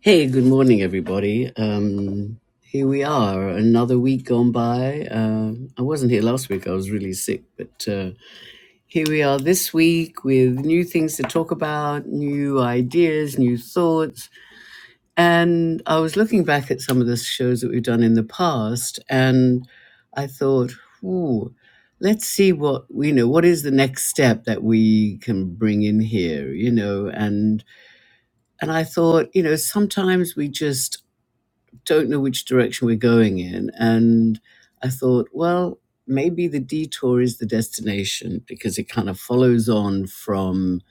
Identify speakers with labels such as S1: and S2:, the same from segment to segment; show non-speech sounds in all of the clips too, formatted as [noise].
S1: Hey, good morning, everybody. Um, here we are, another week gone by. Uh, I wasn't here last week, I was really sick, but uh, here we are this week with new things to talk about, new ideas, new thoughts. And I was looking back at some of the shows that we've done in the past, and I thought, ooh, let's see what, you know, what is the next step that we can bring in here, you know, and and I thought, you know, sometimes we just don't know which direction we're going in. And I thought, well, maybe the detour is the destination because it kind of follows on from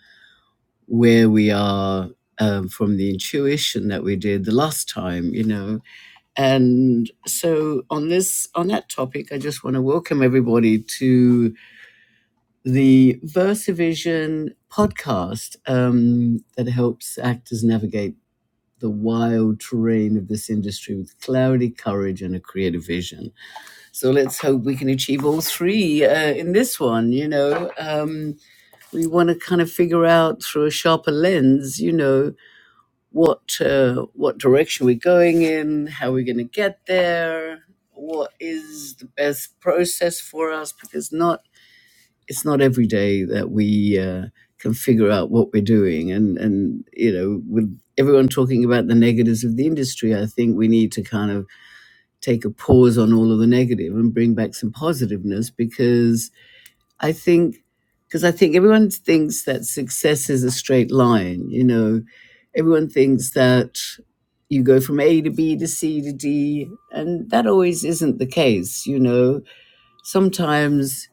S1: where we are. Um, from the intuition that we did the last time, you know, and so on this on that topic, I just want to welcome everybody to the Versavision podcast um, that helps actors navigate the wild terrain of this industry with cloudy courage and a creative vision. So let's hope we can achieve all three uh, in this one. You know, um, we want to kind of figure out through a sharper lens, you know, what uh, what direction we're going in, how we're going to get there, what is the best process for us, because not it's not every day that we uh, can figure out what we're doing. And and you know, with everyone talking about the negatives of the industry, I think we need to kind of take a pause on all of the negative and bring back some positiveness because I think because I think everyone thinks that success is a straight line. You know, everyone thinks that you go from A to B to C to D, and that always isn't the case. You know, sometimes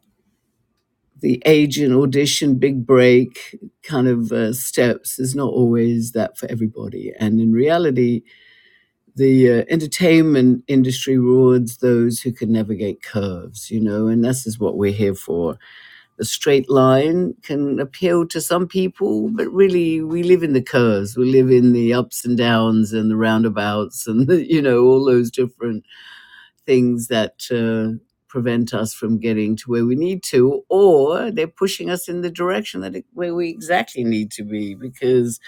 S1: the age and audition big break kind of uh, steps is not always that for everybody and in reality the uh, entertainment industry rewards those who can navigate curves you know and this is what we're here for the straight line can appeal to some people but really we live in the curves we live in the ups and downs and the roundabouts and the, you know all those different things that uh, prevent us from getting to where we need to, or they're pushing us in the direction that it, where we exactly need to be, because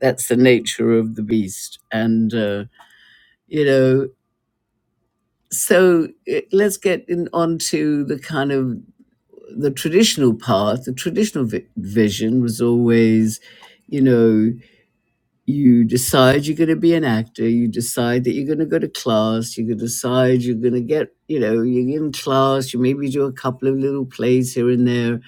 S1: that's the nature of the beast. And uh, you know, so eh, let's get in, on to the kind of the traditional path. The traditional vi- vision was always, you know. you decide you're going to be an actor you decide that you're going to go to class you could decide you're going to get you know you're in class you maybe do a couple of little plays here and there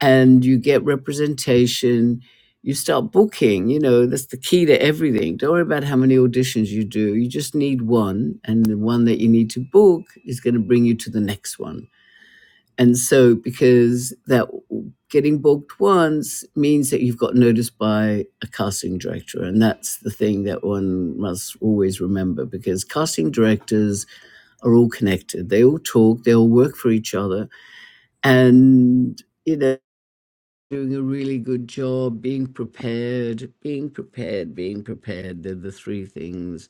S1: and you get representation you start booking you know that's the key to everything don't worry about how many auditions you do you just need one and the one that you need to book is going to bring you to the next one and so, because that getting booked once means that you've got noticed by a casting director. And that's the thing that one must always remember because casting directors are all connected. They all talk, they all work for each other. And, you know, doing a really good job, being prepared, being prepared, being prepared. They're the three things.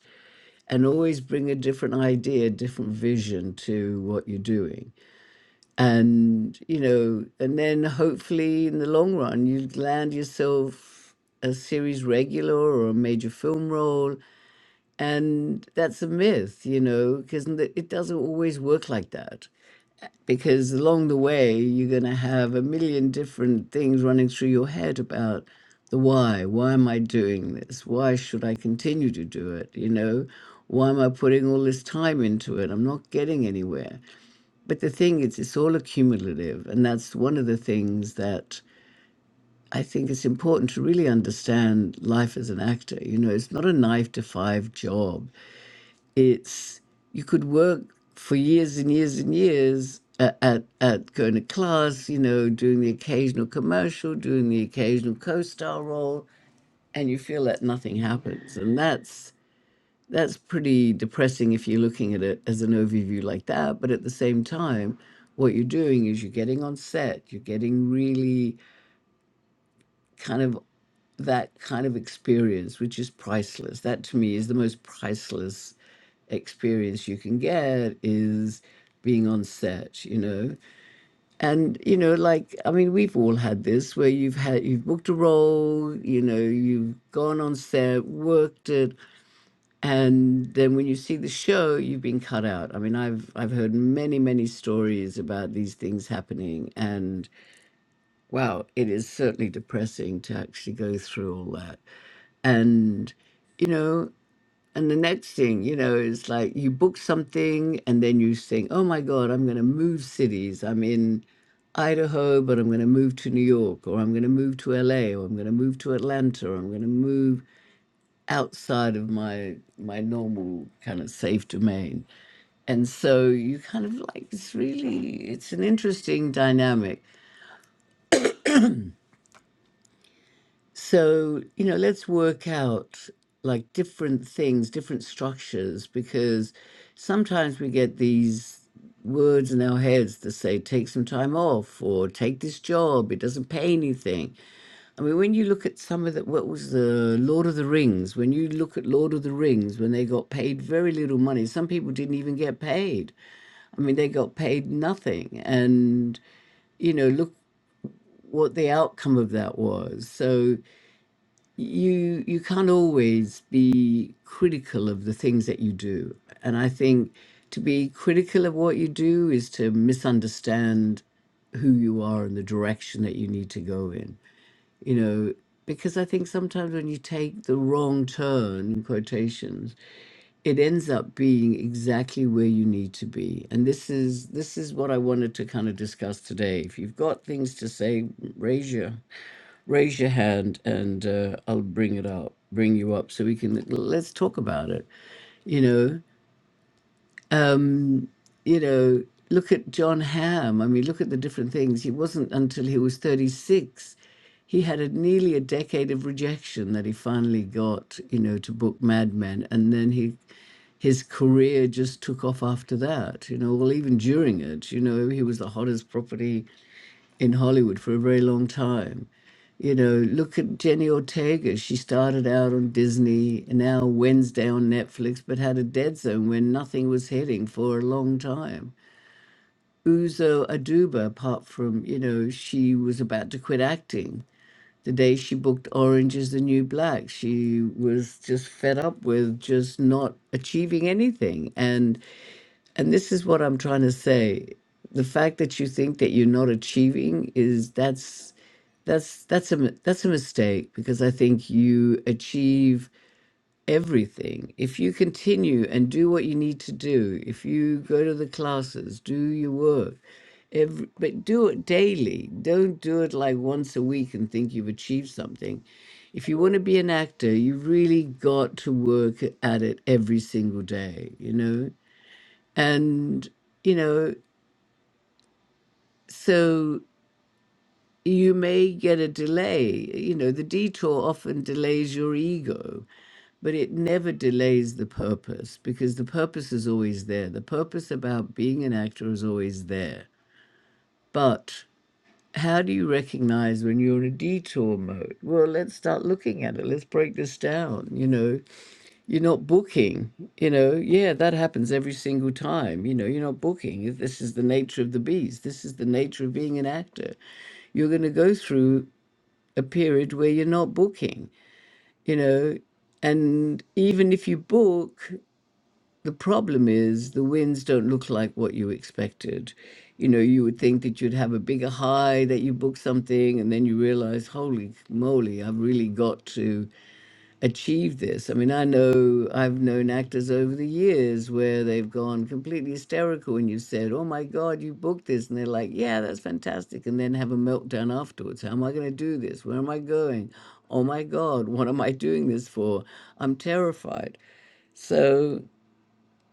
S1: And always bring a different idea, different vision to what you're doing and you know and then hopefully in the long run you land yourself a series regular or a major film role and that's a myth you know because it doesn't always work like that because along the way you're going to have a million different things running through your head about the why why am i doing this why should i continue to do it you know why am i putting all this time into it i'm not getting anywhere but the thing is, it's all accumulative. And that's one of the things that I think it's important to really understand life as an actor. You know, it's not a nine to five job. It's, you could work for years and years and years at, at, at going to class, you know, doing the occasional commercial, doing the occasional co star role, and you feel that nothing happens. And that's that's pretty depressing if you're looking at it as an overview like that. But at the same time, what you're doing is you're getting on set, you're getting really kind of that kind of experience, which is priceless. That to me is the most priceless experience you can get is being on set, you know. And you know, like I mean, we've all had this where you've had you've booked a role, you know, you've gone on set, worked it, and then when you see the show you've been cut out i mean i've i've heard many many stories about these things happening and wow it is certainly depressing to actually go through all that and you know and the next thing you know is like you book something and then you think oh my god i'm going to move cities i'm in Idaho, but I'm going to move to New York, or I'm going to move to LA, or I'm going to move to Atlanta, or I'm going to move outside of my my normal kind of safe domain and so you kind of like it's really it's an interesting dynamic so you know let's work out like different things different structures because sometimes we get these words in our heads that say take some time off or take this job it doesn't pay anything I mean, when you look at some of the, what was the Lord of the Rings, when you look at Lord of the Rings, when they got paid very little money, some people didn't even get paid. I mean, they got paid nothing. And, you know, look what the outcome of that was. So you, you can't always be critical of the things that you do. And I think to be critical of what you do is to misunderstand who you are and the direction that you need to go in you know, because I think sometimes when you take the wrong turn, in quotations, it ends up being exactly where you need to be. And this is this is what I wanted to kind of discuss today. If you've got things to say, raise your raise your hand, and uh, I'll bring it up, bring you up, so we can let's talk about it. You know um, you know, look at John Hamm. I mean, look at the different things. It wasn't until he was 36, he had a, nearly a decade of rejection that he finally got, you know, to book Mad Men. And then he, his career just took off after that, you know, well, even during it, you know, he was the hottest property in Hollywood for a very long time. You know, look at Jenny Ortega. She started out on Disney, and now Wednesday on Netflix, but had a dead zone where nothing was hitting for a long time. Uzo Aduba, apart from, you know, she was about to quit acting. The day she booked Orange is the New Black, she was just fed up with just not achieving anything. and. And this is what I'm trying to say. The fact that you think that you're not achieving is that's that's that's a mi- that's a mistake because I think you achieve everything if you continue and do what you need to do. If you go to the classes, do your work, every, but do it daily. Don't do it like once a week and think you've achieved something. If you want to be an actor, you really got to work at it every single day. You know and you know so you may get a delay you know the detour often delays your ego but it never delays the purpose because the purpose is always there the purpose about being an actor is always there but how do you recognize when you're in a detour mode well let's start looking at it let's break this down you know You're not booking, you know. Yeah, that happens every single time. You know, you're not booking. This is the nature of the beast. This is the nature of being an actor. You're going to go through a period where you're not booking, you know. And even if you book, the problem is the wins don't look like what you expected. You know, you would think that you'd have a bigger high, that you book something, and then you realize, holy moly, I've really got to achieve this. I mean, I know I've known actors over the years where they've gone completely hysterical and you said, Oh my God, you booked this. And they're like, Yeah, that's fantastic. And then have a meltdown afterwards. How am I going to do this? Where am I going? Oh my God, what am I doing this for? I'm terrified. So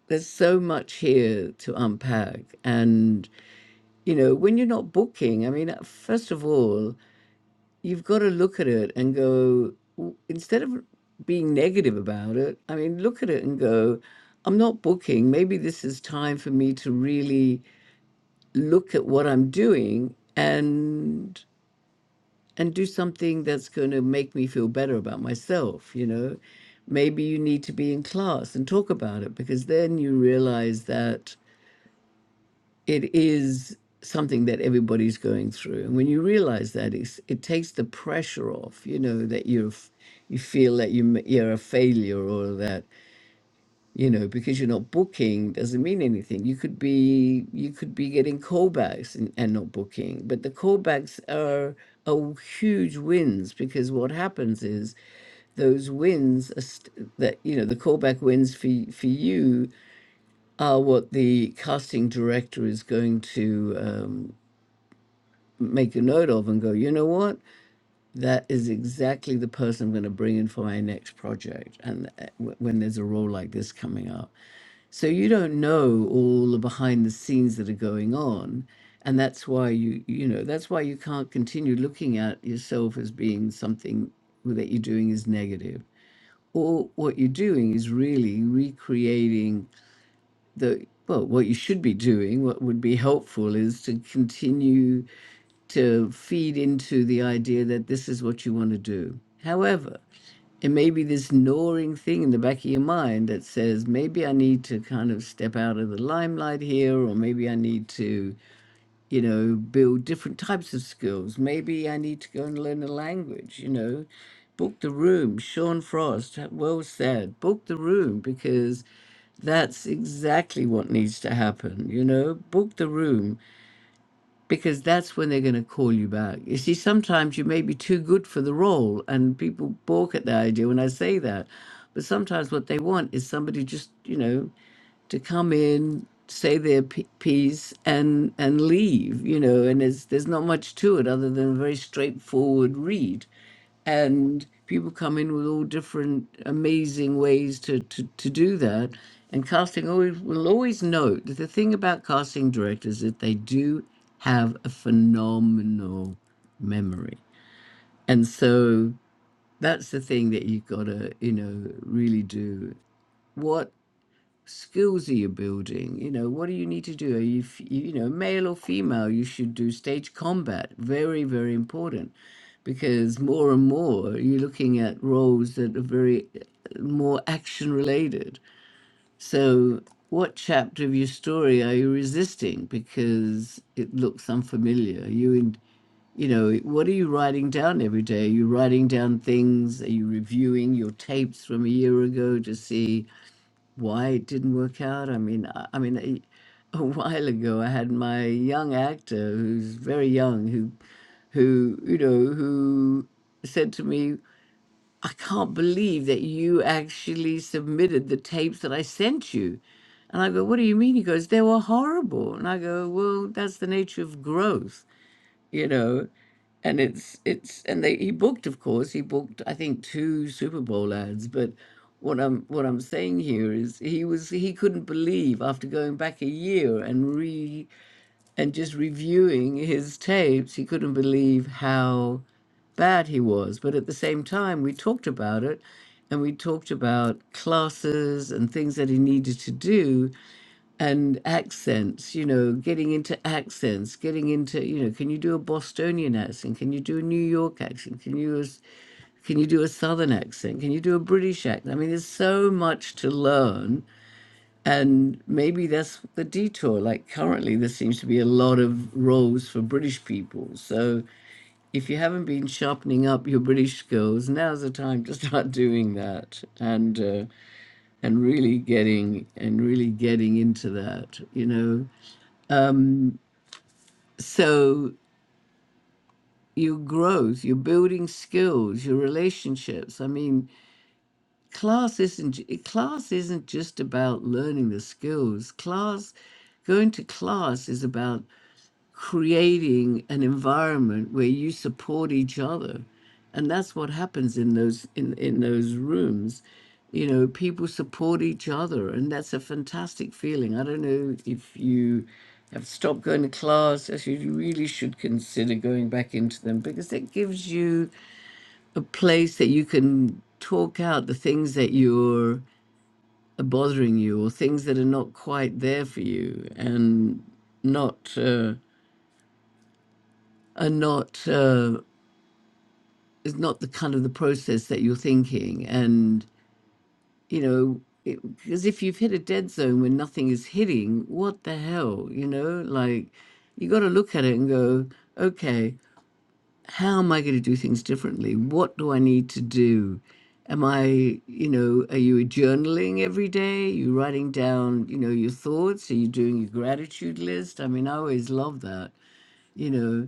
S1: there's so much here to unpack. And, you know, when you're not booking, I mean, first of all, you've got to look at it and go w- instead of being negative about it i mean look at it and go i'm not booking maybe this is time for me to really look at what i'm doing and and do something that's going to make me feel better about myself you know maybe you need to be in class and talk about it because then you realize that it is something that everybody's going through. And when you realize that, it's, it takes the pressure off, you know, that you're, f- you feel that you, m- you're a failure or that, you know, because you're not booking doesn't mean anything. You could be, you could be getting callbacks and, and not booking, but the callbacks are, are huge wins because what happens is those wins are st- that you know the callback wins for y- for you are what the casting director is going to um, make a note of and go, you know what? That is exactly the person I'm going to bring in for my next project. And uh, w- when there's a role like this coming up, so you don't know all the behind the scenes that are going on. And that's why you, you know, that's why you can't continue looking at yourself as being something that you're doing is negative. Or what you're doing is really recreating the well what you should be doing what would be helpful is to continue to feed into the idea that this is what you want to do however it may be this gnawing thing in the back of your mind that says maybe i need to kind of step out of the limelight here or maybe i need to you know, build different types of skills. Maybe I need to go and learn a language, you know. Book the room, Sean Frost, well said. Book the room because that's exactly what needs to happen, you know. Book the room because that's when they're going to call you back. You see, sometimes you may be too good for the role, and people balk at the idea when I say that. But sometimes what they want is somebody just, you know, to come in, say their p- piece, and and leave. You know, and there's there's not much to it other than a very straightforward read, and people come in with all different amazing ways to to, to do that. And casting always will always note that the thing about casting directors is that they do have a phenomenal memory, and so that's the thing that you've got to you know really do. What skills are you building? You know, what do you need to do? Are you, f- you you know, male or female, you should do stage combat. Very, very important because more and more you're looking at roles that are very uh, more action related. So, what chapter of your story are you resisting because it looks unfamiliar? Are you in, you know, what are you writing down every day? Are you writing down things? Are you reviewing your tapes from a year ago to see? why it didn't work out. I mean, I, I mean, a, a while ago, I had my young actor, who's very young, who, who you know, who said to me, "I can't believe that you actually submitted the tapes that I sent you." And I go, "What do you mean?" He goes, "They were horrible." And I go, "Well, that's the nature of growth." you know, and it's it's and they he booked, of course, he booked I think two Super Bowl ads, but what I'm what I'm saying here is he was he couldn't believe after going back a year and re and just reviewing his tapes, he couldn't believe how bad he was. But at the same time, we talked about it and we talked about classes and things that he needed to do and accents you know getting into accents getting into you know can you do a bostonian accent can you do a new york accent can you s- can you do a southern accent can you do a british accent i mean there's so much to learn and maybe that's the detour like currently there seems to be a lot of roles for british people so if you haven't been sharpening up your british skills now's the time to start [laughs] doing that and uh, and really getting and really getting into that you know So your growth, your building skills, your relationships. I mean, class isn't j- class isn't just about learning the skills. Class, going to class is about creating an environment where you support each other and that's what happens in those in in those rooms you know people support each other and that's a fantastic feeling i don't know if you have stopped going to class as you really should consider going back into them because it gives you a place that you can talk out the things that you're are bothering you or things that are not quite there for you and not uh, Are not uh, is not the kind of the process that you're thinking and you know because if you've hit a dead zone when nothing is hitting what the hell you know like you got to look at it and go okay how am i going to do things differently what do i need to do am i you know are you journaling every day you writing down you know your thoughts are you doing your gratitude list i mean i always love that you know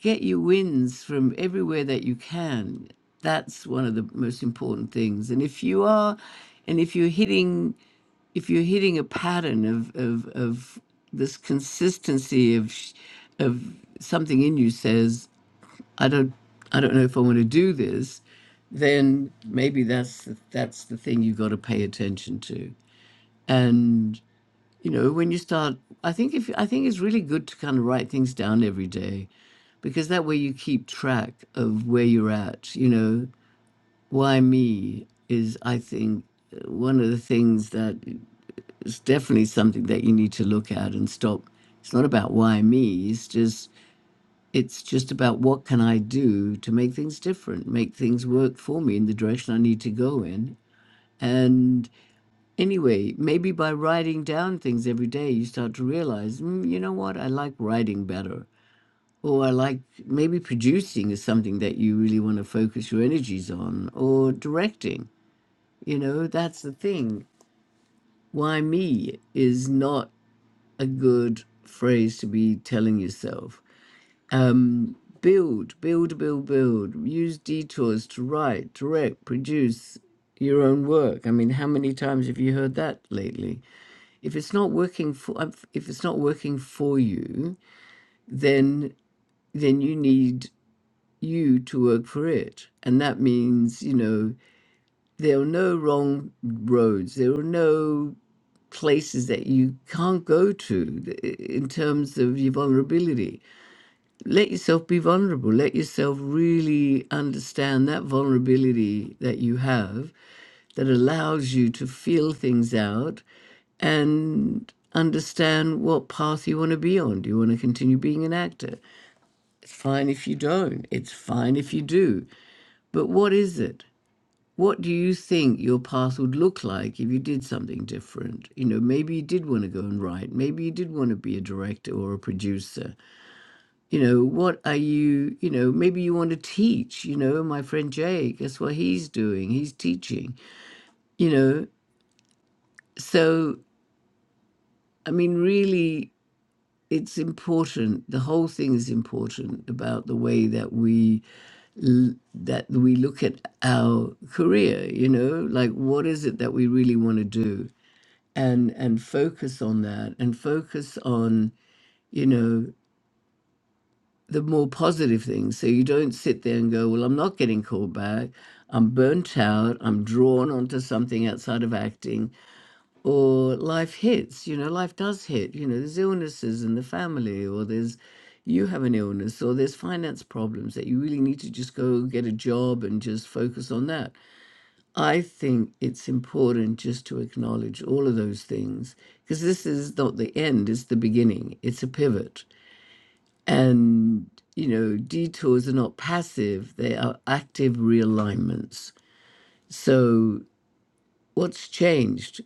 S1: get your wins from everywhere that you can. That's one of the most important things. And if you are, and if you're hitting, if you're hitting a pattern of of, of this consistency of sh- of something in you says, I don't, I don't know if I want to do this, then maybe that's the, that's the thing you got to pay attention to you know when you start i think if i think it's really good to kind of write things down every day because that way you keep track of where you're at you know why me is i think uh, one of the things that is definitely something that you need to look at and stop it's not about why me it's just it's just about what can i do to make things different make things work for me in the direction i need to go in and. Anyway, maybe by writing down things every day, you start to realize, mm, you know what, I like writing better. Or I like maybe producing is something that you really want to focus your energies on, or directing. You know, that's the thing. Why me is not a good phrase to be telling yourself. Um, build, build, build, build. Use detours to write, direct, produce your own work. I mean, how many times have you heard that lately? if it's not working for if it's not working for you then then you need you to work for it and that means you know there are no wrong roads there are no places that you can't go to th- in terms of your vulnerability let yourself be vulnerable let yourself really understand that vulnerability that you have that allows you to feel things out and understand what path you want to be on. Do you want to continue being an actor? It's fine if you don't, it's fine if you do. But what is it? What do you think your path would look like if you did something different? You know, maybe you did want to go and write. Maybe you did want to be a director or a producer. You know, what are you, you know, maybe you want to teach. You know, my friend Jay, guess what he's doing? He's teaching. You know, so I mean, really, it's important. The whole thing is important about the way that we l- that we look at our career. You know, like what is it that we really want to do, and and focus on that, and focus on you know the more positive things. So you don't sit there and go, well, I'm not getting called back. I'm burnt out. I'm drawn onto something outside of acting. or life hits you know life does hit you know there's illnesses in the family or there's you have an illness or there's finance problems that you really need to just go get a job and just focus on that i think it's important just to acknowledge all of those things because this is not the end it's the beginning it's a pivot and you know detours are not passive they are active realignments so what's changed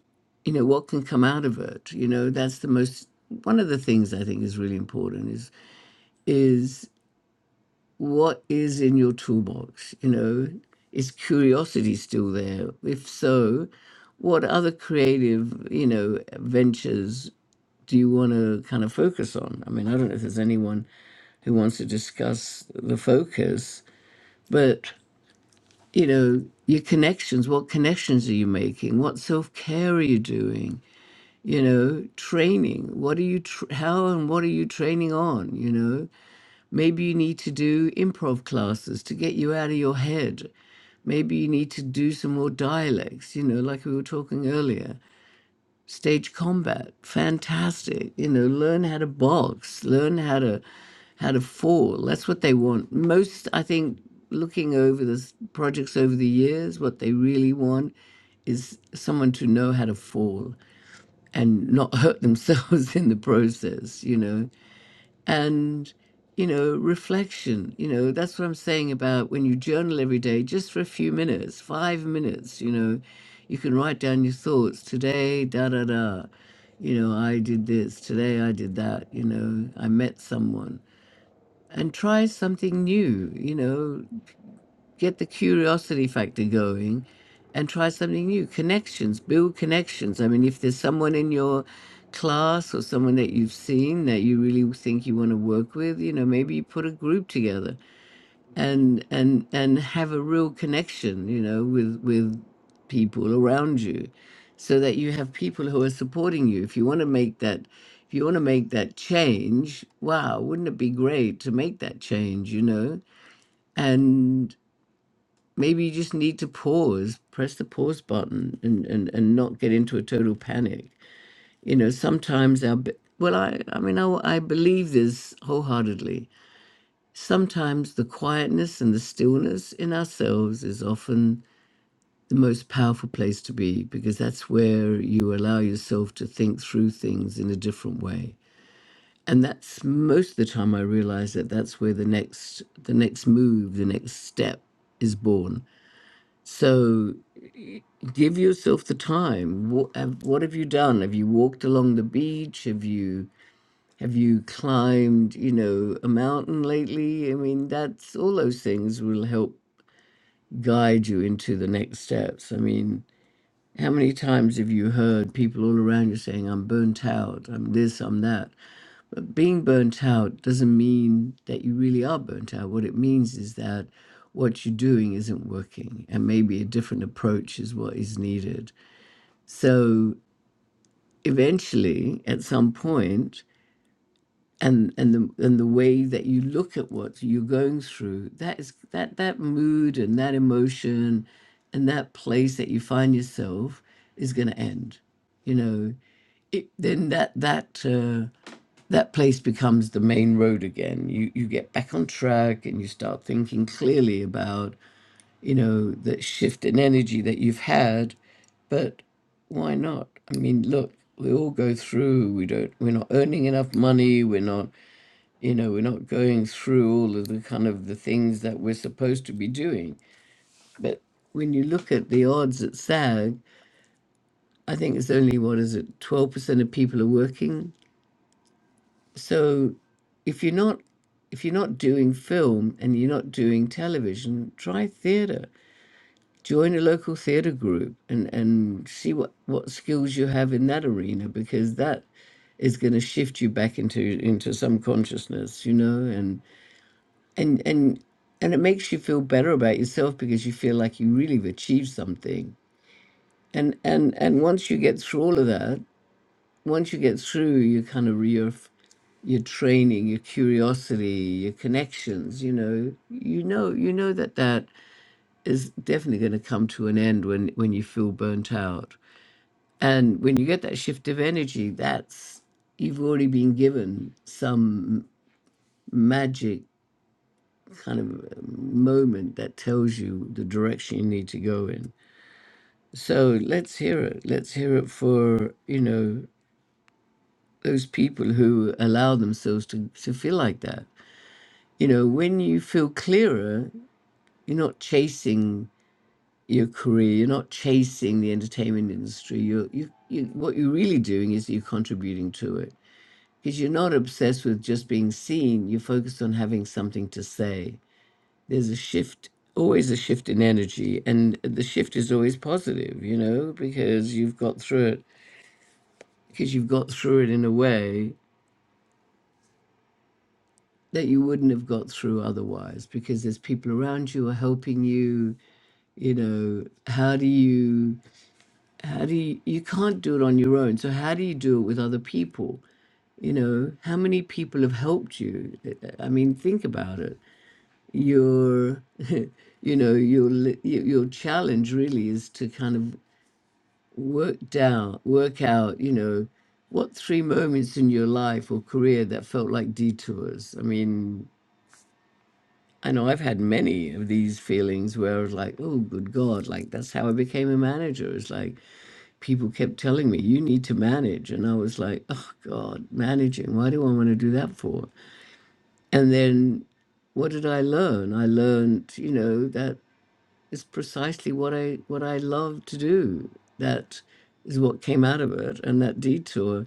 S1: you know what can come out of it you know that's the most one of the things i think is really important is is what is in your toolbox you know is curiosity still there if so what other creative you know ventures do you want to kind of focus on i mean i don't know if there's anyone who wants to discuss the focus but you know your connections what connections are you making what self-care are you doing you know training what are you tr- how and what are you training on you know maybe you need to do improv classes to get you out of your head maybe you need to do some more dialects you know like we were talking earlier stage combat fantastic you know learn how to box learn how to how to fall that's what they want most i think looking over the s- projects over the years what they really want is someone to know how to fall and not hurt themselves [laughs] in the process, you know. And, you know, reflection, you know, that's what I'm saying about when you journal every day, just for a few minutes, five minutes, you know, you can write down your thoughts today, da da da. You know, I did this, today I did that, you know, I met someone. And try something new, you know, get the curiosity factor going and try something new. Connections, build connections. I mean, if there's someone in your class or someone that you've seen that you really think you want to work with, you know, maybe you put a group together and and and have a real connection, you know, with with people around you so that you have people who are supporting you. If you want to make that if you want to make that change, wow, wouldn't it be great to make that change, you know? and maybe you just need to pause, press the pause button, and and and not get into a total panic. You know, sometimes our b- well, I I mean, I, I believe this wholeheartedly. Sometimes the quietness and the stillness in ourselves is often the most powerful place to be because that's where you allow yourself to think through things in a different way. And that's most of the time I realize that that's where the next the next move, the next step is born. So give yourself the time what have, what have you done have you walked along the beach have you have you climbed you know a mountain lately i mean that's all those things will help guide you into the next steps i mean how many times have you heard people all around you saying i'm burnt out i'm this i'm that being burnt out doesn't mean that you really are burnt out what it means is that what you're doing isn't working and maybe a different approach is what is needed so eventually at some point and and the and the way that you look at what you're going through that is that that mood and that emotion and that place that you find yourself is going to end you know it, then that that uh, that place becomes the main road again you you get back on track and you start thinking clearly about you know the shift in energy that you've had but why not? I mean, look, we all go through. We don't. We're not earning enough money. We're not. You know, we're not going through all of the kind of the things that we're supposed to be doing. But when you look at the odds at SAG, I think it's only what is it? Twelve percent of people are working. So, if you're not if you're not doing film and you're not doing television, try theatre. join a local theatre group and and see what what skills you have in that arena because that is going to shift you back into into some consciousness you know and and and and it makes you feel better about yourself because you feel like you really have achieved something and and and once you get through all of that once you get through your kind of your your training your curiosity your connections you know you know you know that that is definitely going to come to an end when when you feel burnt out And when you get that shift of energy, that's you've already been given some magic kind of um, moment that tells you the direction you need to go in. So let's hear it. Let's hear it for, you know, those people who allow themselves to, to feel like that. You know, when you feel clearer, you're not chasing your career, you're not chasing the entertainment industry. You're, you, you, what you're really doing is you're contributing to it because you're not obsessed with just being seen you're focused on having something to say there's a shift always a shift in energy and the shift is always positive you know because you've got through it because you've got through it in a way that you wouldn't have got through otherwise because there's people around you who are helping you you know how do you how do you you can't do it on your own so how do you do it with other people you know how many people have helped you i mean think about it your [laughs] you know your li- y- your challenge really is to kind of work down work out you know what three moments in your life or career that felt like detours i mean i know i've had many of these feelings where i was like oh good god like that's how i became a manager it's like people kept telling me you need to manage and i was like oh god managing why do i want to do that for and then what did I learn? I learned, you know, that is precisely what I what I love to do. That is what came out of it, and that detour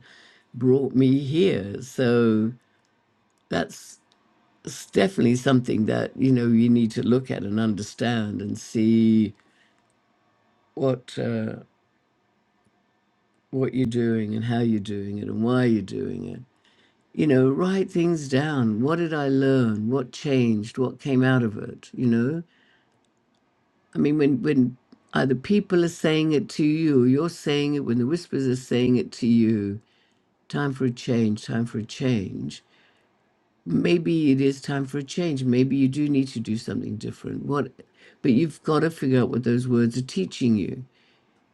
S1: brought me here. So that's s- definitely something that you know you need to look at and understand and see what uh, what you're doing and how you're doing it and why you're doing it. You know, write things down. What did I learn? What changed? What came out of it? You know, I mean, when when either people are saying it to you, or you're saying it, when the whispers are saying it to you, time for a change, time for a change. Maybe it is time for a change. Maybe you do need to do something different. What? But you've got to figure out what those words are teaching you.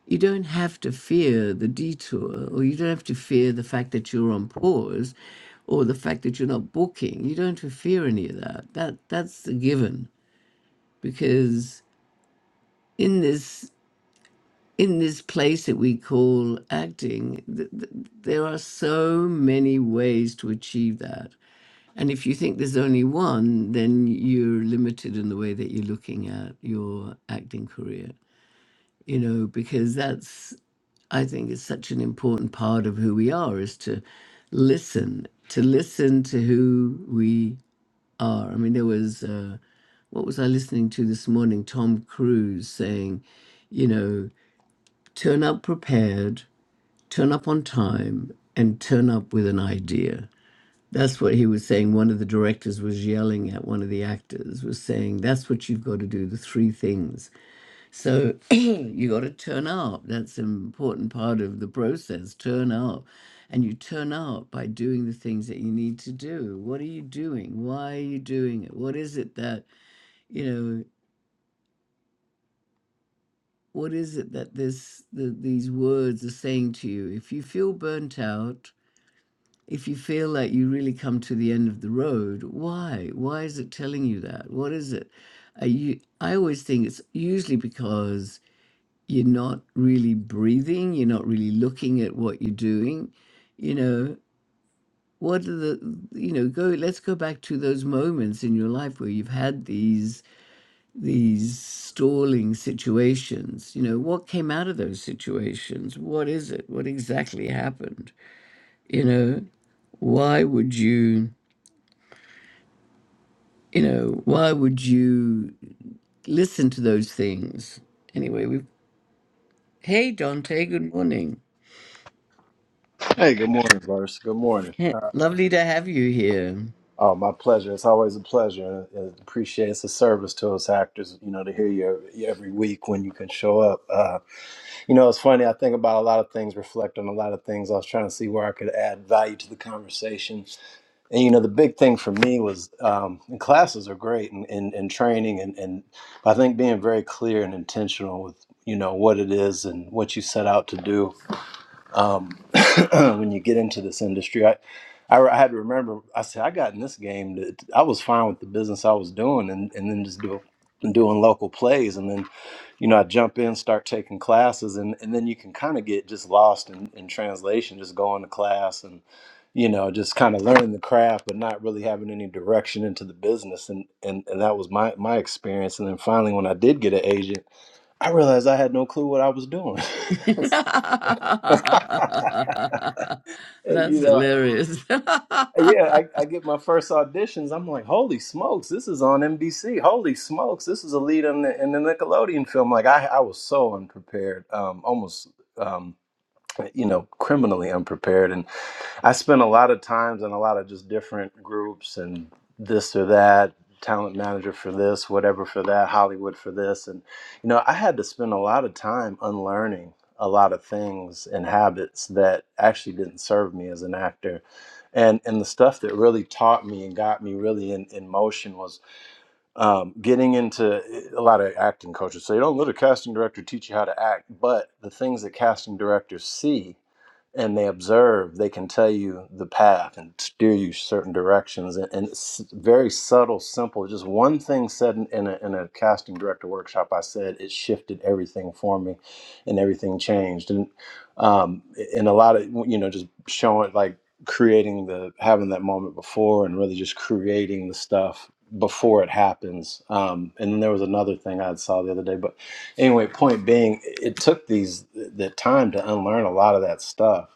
S1: You don't have to fear the detour, or you don't have to fear the fact that you're on pause, or the fact that you're not booking. You don't have to fear any of that. That that's a given because in this in this place that we call acting, th- th- there are so many ways to achieve that. And if you think there's only one, then you're limited in the way that you're looking at your acting career, you know, because that's, I think, is such an important part of who we are is to listen, to listen to who we are. I mean, there was, uh, what was I listening to this morning? Tom Cruise saying, you know, turn up prepared turn up on time and turn up with an idea. That's what he was saying. One of the directors was yelling at one of the actors, was saying, That's what you've got to do, the three things. So [clears throat] you got to turn up. That's an important part of the process. Turn up. And you turn up by doing the things that you need to do. What are you doing? Why are you doing it? What is it that, you know, what is it that this the, these words are saying to you? If you feel burnt out, If you feel like you really come to the end of the road, why? Why is it telling you that? What is it? Are you, I always think it's usually because you're not really breathing, you're not really looking at what you're doing. You know, what are the, you know, go, let's go back to those moments in your life where you've had these, these stalling situations. You know, what came out of those situations? What is it? What exactly happened? You know, why would you? You know, why would you listen to those things? Anyway, we Hey Dante, good morning.
S2: Hey, good morning, Verse. Good morning.
S1: Heh,
S2: Uh,
S1: Lovely to have you here.
S2: oh, my pleasure. It's always a pleasure. Uh, appreciate it's a service to us actors, you know, to hear you every every week when you can show up. Uh, you know, it's funny. I think about a lot of things, reflect on a lot of things. I was trying to see where I could add value to the conversation. And, you know, the big thing for me was um, and classes are great and, and, and training. And, and I think being very clear and intentional with, you know, what it is and what you set out to do um, [clears throat] when you get into this industry. I, I, I had to remember, I said, I got in this game that I was fine with the business I was doing and, and then just do, doing local plays. And then, you know, I jump in, start taking classes, and, and then you can kind of get just lost in, in translation, just going to class and, you know, just kind of learning the craft, but not really having any direction into the business. And, and, and that was my, my experience. And then finally, when I did get an agent, I realized I had no clue what I was doing.
S1: [laughs]
S2: [laughs]
S1: That's
S2: you know,
S1: hilarious.
S2: yeah, I, I get my first auditions. I'm like, holy smokes, this is on NBC. Holy smokes, this is a lead in the, in the Nickelodeon film. Like, I, I was so unprepared, um, almost, um, you know, criminally unprepared. and. I spent a lot of times in a lot of just different groups and this or that, talent manager for this, whatever for that, Hollywood for this. And, you know, I had to spend a lot of time unlearning a lot of things and habits that actually didn't serve me as an actor. And, and the stuff that really taught me and got me really in, in motion was um, getting into eh, a lot of acting coaches. So you don't let a casting director teach you how to act, but the things that casting directors see and they observe, they can tell you the path and steer you certain directions. And, and it's very subtle, simple. Just one thing said in, in, a, in a casting director workshop, I said it shifted everything for me, and everything changed. And um, and a lot of you know just showing like creating the having that moment before, and really just creating the stuff before it happens. Um, and then there was another thing I saw the other day, but anyway point being it took these the time to unlearn a lot of that stuff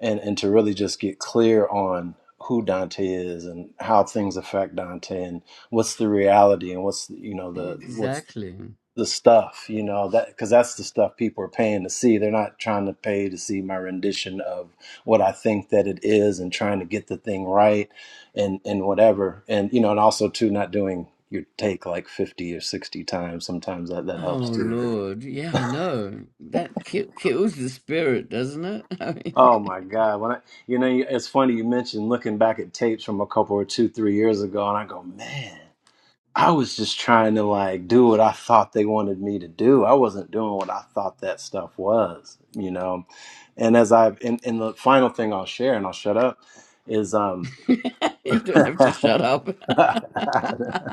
S2: and and to really just get clear on who dante is and how things affect dante and what's the reality and what's you know
S1: [laughs]
S2: the what's
S1: exactly.
S2: the stuff you know that because that's the stuff people are paying to see they're not trying to pay to see my rendition of what i think that it is and trying to get the thing right and and whatever and you know and also too not doing your take like 50 or 60 times sometimes that, that helps
S1: Oh
S2: too
S1: Lord, yeah, I know. That ki- kills the spirit, doesn't it? [laughs] I mean,
S2: Oh my God! When I, you know, it's funny you mentioned looking back at tapes from a couple or two, three years ago, and I go, man, I was just trying to like do what I thought they wanted me to do. I wasn't doing what I thought that stuff was, you know. And as I've, and, and the final thing I'll share, and I'll shut up, is um. [laughs]
S1: [laughs] you don't have to shut up.
S2: Can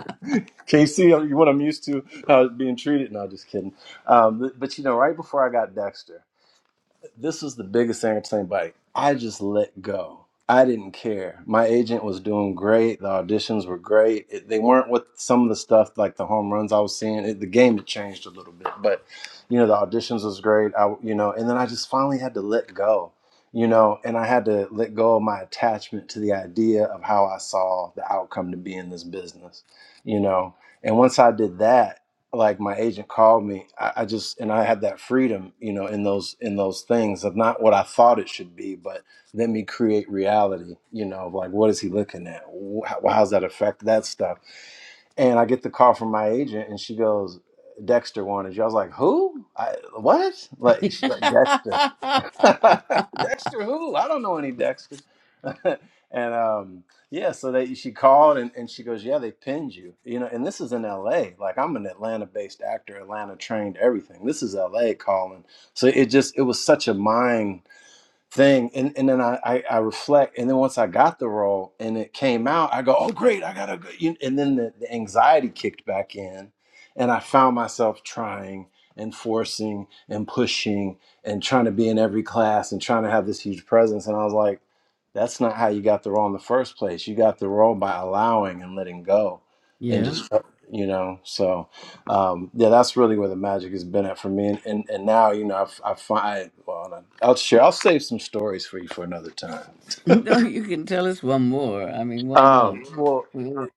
S2: you see uh, what I'm used to? How it's being treated? No, just kidding. Um, but, but you know, right before I got Dexter this is the biggest thing I can tell anybody. I just let go. I didn't care. My agent was doing great. The auditions were great. It, they weren't with some of the stuff like the home runs I was seeing. It, the game had changed a little bit, but you know the auditions was great. I you know, and then I just finally had to let go. You know, and I had to let go of my attachment to the idea of how I saw the outcome to be in this business. You know, and once I did that, like my agent called me I, I just and i had that freedom you know in those in those things of not what i thought it should be but let me create reality you know of like what is he looking at Wh- how, how's that affect that stuff and i get the call from my agent and she goes dexter wanted you i was like who I, what like, she's like dexter [laughs]
S1: [laughs] [laughs]
S2: Dexter who? I don't know any Dexter. [laughs] and um, yeah, so they she called and, and she goes, Yeah, they pinned you. You know, and this is in LA. Like I'm an Atlanta based actor, Atlanta trained everything. This is LA calling. So it just it was such a mind thing and, and then I, I i reflect and then once i got the role and it came out i go oh great i got a good you- and then the, the anxiety kicked back in and i found myself trying and forcing and pushing and trying to be in every class and trying to have this huge presence and i was like that's not how you got the role in the first place you got the role by allowing and letting go and
S1: yeah.
S2: just Mhm. you know so um, yeah, that's really where the magic has been at for me. And and, and now, you know, I've, I find well, I'll share. I'll save some stories for you for another time.
S1: [laughs] No, you can tell us one more. I mean, why
S2: Um,
S1: not?
S2: well,
S1: We want,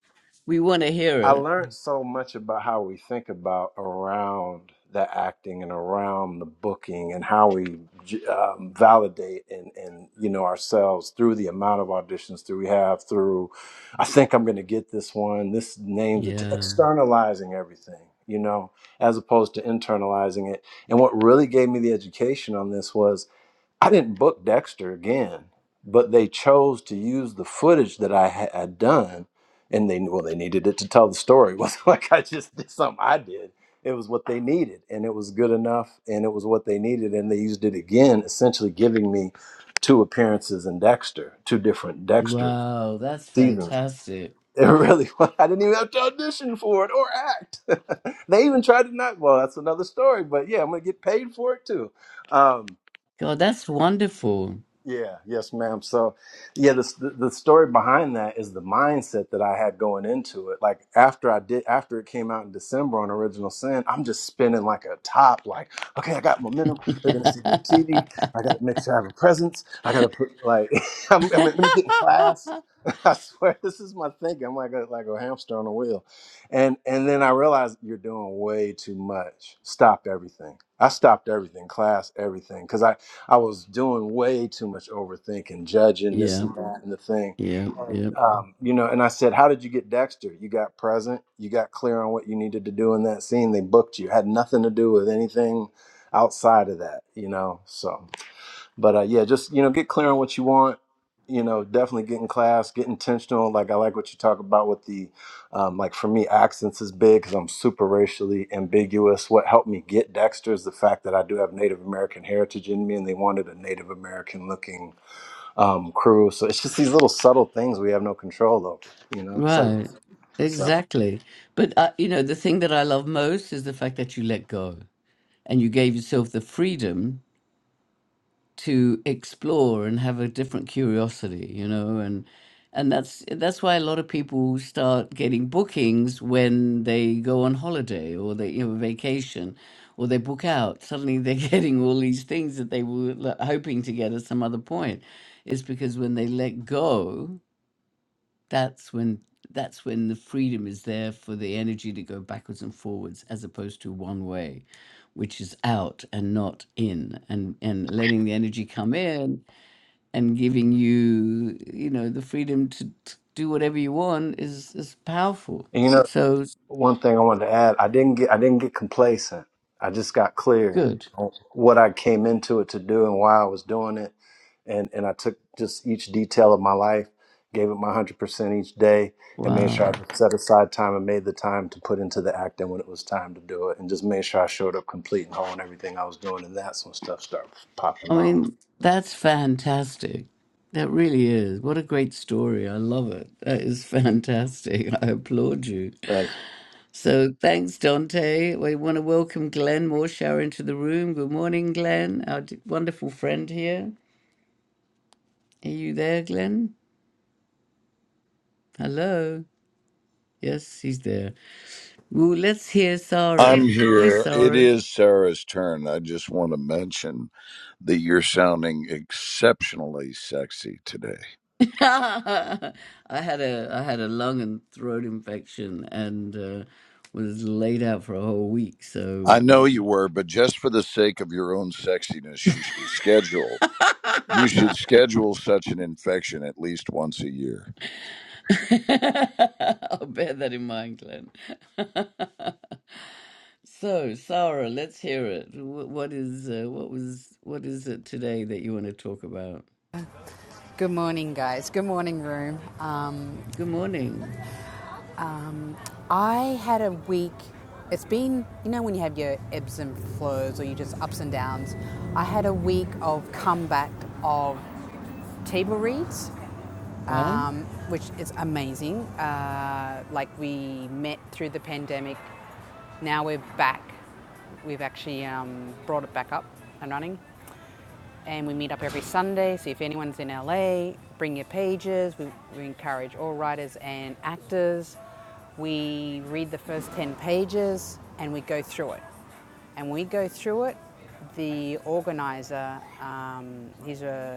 S1: we want to hear
S2: I
S1: it.
S2: learned so much about how we think about around the acting and around the booking and how we j- um, validate and, and you know ourselves through the amount of auditions that we have through i think i'm going to get this one this name's a t-
S1: Yeah.
S2: externalizing everything you know as opposed to internalizing it and what really gave me the education on this was I didn't book Dexter again, but they chose to use the footage that I ha- had done, and they well they needed it to tell the story. [laughs] It wasn't like I just did something I did. It was what they needed, and it was good enough, and it was what they needed, and they used it again, essentially giving me two appearances in Dexter, two different Dexter
S1: Wow, that's
S2: seasons.
S1: fantastic.
S2: It really [laughs] was. I didn't even have to audition for it or act. [laughs] they even tried to not. Well, that's another story, but yeah, I'm gonna get paid for it too. Um,
S1: God, that's wonderful.
S2: yeah, yes, ma'am. So, yeah, the, the the story behind that is the mindset that I had going into it. Like after I did, after it came out in December on Original Sin, I'm just spinning like a top. Like, okay, I got momentum.
S1: [laughs]
S2: They're gonna see me on
S1: yeah,
S2: TV. I got to make sure I have a presence. I gotta put like, [laughs] I'm, I mean, let me get in class. [laughs] I swear, this is my thinking. I'm like a, like a hamster on a wheel, and and then I realized you're doing way too much. Stop everything. I stopped everything, class, everything, because I. I was doing way too much overthinking, judging this and
S1: yeah,
S2: that and the thing. And,
S1: yeah.
S2: um, you know, and I said, How did you get Dexter? You got present, you got clear on what you needed to do in that scene. They booked you, had nothing to do with anything outside of that, you know? So but uh, yeah, just you know, get clear on what you want. You know, definitely get in class, get intentional. Like I like what you talk about with the, um, like for me, accents is big because I'm super racially ambiguous. What helped me get Dexter is the fact that I do have Native American heritage in me, and they wanted a Native American looking um, crew. So it's just these little subtle things we have no control over. You know, it's like
S1: Right.
S2: so.
S1: Exactly. But, uh, you know, the thing that I love most is the fact that you let go and you gave yourself the freedom to explore and have a different curiosity you know and and that's that's why a lot of people start getting bookings when they go on holiday or they you know vacation or they book out suddenly they're [laughs] getting all these things that they were l- hoping to get at some other point it's because when they let go that's when that's when the freedom is there for the energy to go backwards and forwards as opposed to one way which is out and not in and and letting the energy come in and giving you you know the freedom to, to do whatever you want is is powerful
S2: And, you know,
S1: so
S2: One thing I wanted to add, I didn't get I didn't get complacent. I just got clear
S1: good
S2: on what I came into it to do and why I was doing it. And and I took just each detail of my life, gave it my hundred percent each day, and made
S1: wow
S2: sure I set aside time and made the time to put into the acting when it was time to do it and just made sure I showed up complete and whole in everything I was doing and that's when stuff started
S1: i
S2: popping off.
S1: mean that's fantastic that really is what a great story i love it that is fantastic [laughs] i applaud you So thanks, Dante. We want to welcome Glenn Morshower into the room. Good morning, Glenn, our d- wonderful friend here. Are you there, Glenn? Hello. Yes, he's there. Well, let's hear
S3: I'm
S1: Sarah. Hey,
S3: here. It
S1: Sarah.
S3: is Sarah's turn. I just want to mention that you're sounding exceptionally sexy today.
S1: [laughs] I had a I had a lung and throat infection and uh, was laid out for a whole week.
S3: I
S1: So
S3: know you
S1: um,
S3: were, but just for the sake of your own sexiness, you should schedule you should schedule such an infection at least once a year.
S1: [laughs] I'll bear that in mind, Glenn. [laughs] So, Sarah, let's hear it. What, what is uh, what was what is it today that you want to talk about?
S4: Good morning, guys. Good morning, room. Um,
S1: Good morning.
S4: I had a week. It's been, you know, when you have your ebbs and flows or you just ups and downs. I had a week of comeback of table reads,
S1: Right?
S4: um, which is amazing. Uh, like we met through the pandemic. Now we're back. We've actually um, brought it back up and running. and we meet up every Sunday. So if anyone's in LA, bring your pages. We, we encourage all writers and actors. We read the first 10 pages and we go through it. And when we go through it, the organizer, um, he's a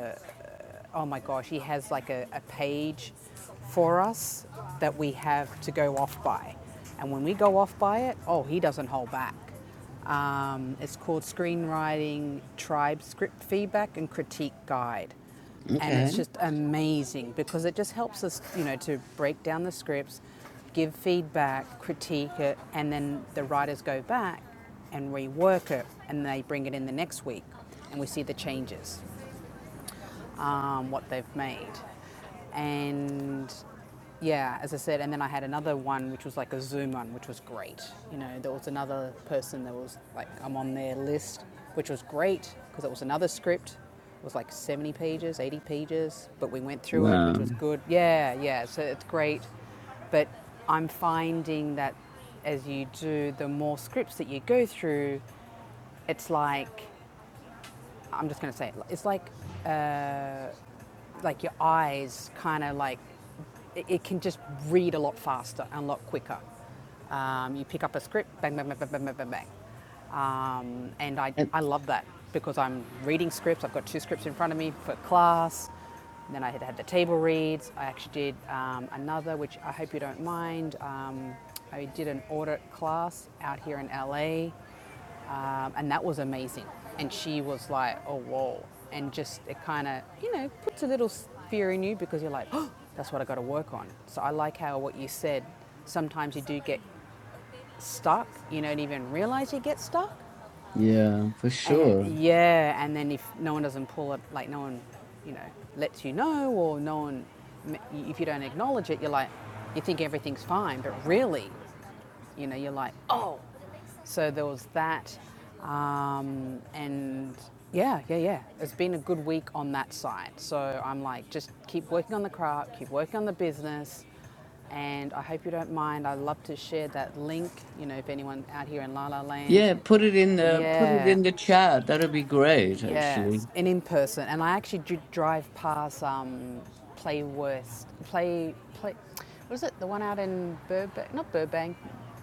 S4: oh my gosh, he has like a, a page for us that we have to go off by. And when we go off by it, oh, he doesn't hold back. Um, it's called Screenwriting Tribe Script Feedback and Critique Guide. And
S1: Okay.
S4: it's just amazing because it just helps us, you know, to break down the scripts, give feedback, critique it, and then the writers go back and rework it and they bring it in the next week and we see the changes um, what they've made. And yeah, as I said, and then I had another one which was like a Zoom one, which was great. You know, there was another person that was like, I'm on their list, which was great because it was another script. It was like 70 pages, 80 pages, but we went through it, which
S1: Wow.
S4: was good. Yeah, yeah, so it's great. But I'm finding that as you do, the more scripts that you go through, it's like, I'm just going to say it, it's like like your eyes kind of like it, it can just read a lot faster and a lot quicker. Um, you pick up a script, bang, bang, bang, bang, bang, bang, bang, Um, and I,
S1: That-
S4: I love that because I'm reading scripts. I've got two scripts in front of me for class. And then I had, had the table reads. I actually did um, another, which I hope you don't mind. Um, I did an audit class out here in LA um, and that was amazing. And she was like, "Oh whoa!" And just it kind of you know puts a little fear in you because you're like, "Oh, that's what I got to work on." So I like how what you said. Sometimes you do get stuck. You don't even realize you get stuck.
S1: yeah, for
S4: And
S1: sure.
S4: yeah, and then if no one doesn't pull it, like no one, you know, lets you know, or no one, if you don't acknowledge it, you're like, you think everything's fine, but really, you know, you're like, oh, so there was that, um, and yeah, yeah, yeah. It's been a good week on that side. So I'm like, just keep working on the craft, keep working on the business, and I hope you don't mind. I would love to share that link. You know, if anyone out here in La La Land,
S1: Yeah, put it in the put it
S4: yeah.
S1: in the chat. That'll be great, actually.
S4: Yes, and in person. And I actually dri drive past um, Play West, Play Play. What is it? The one out in Burbank? Not Burbank,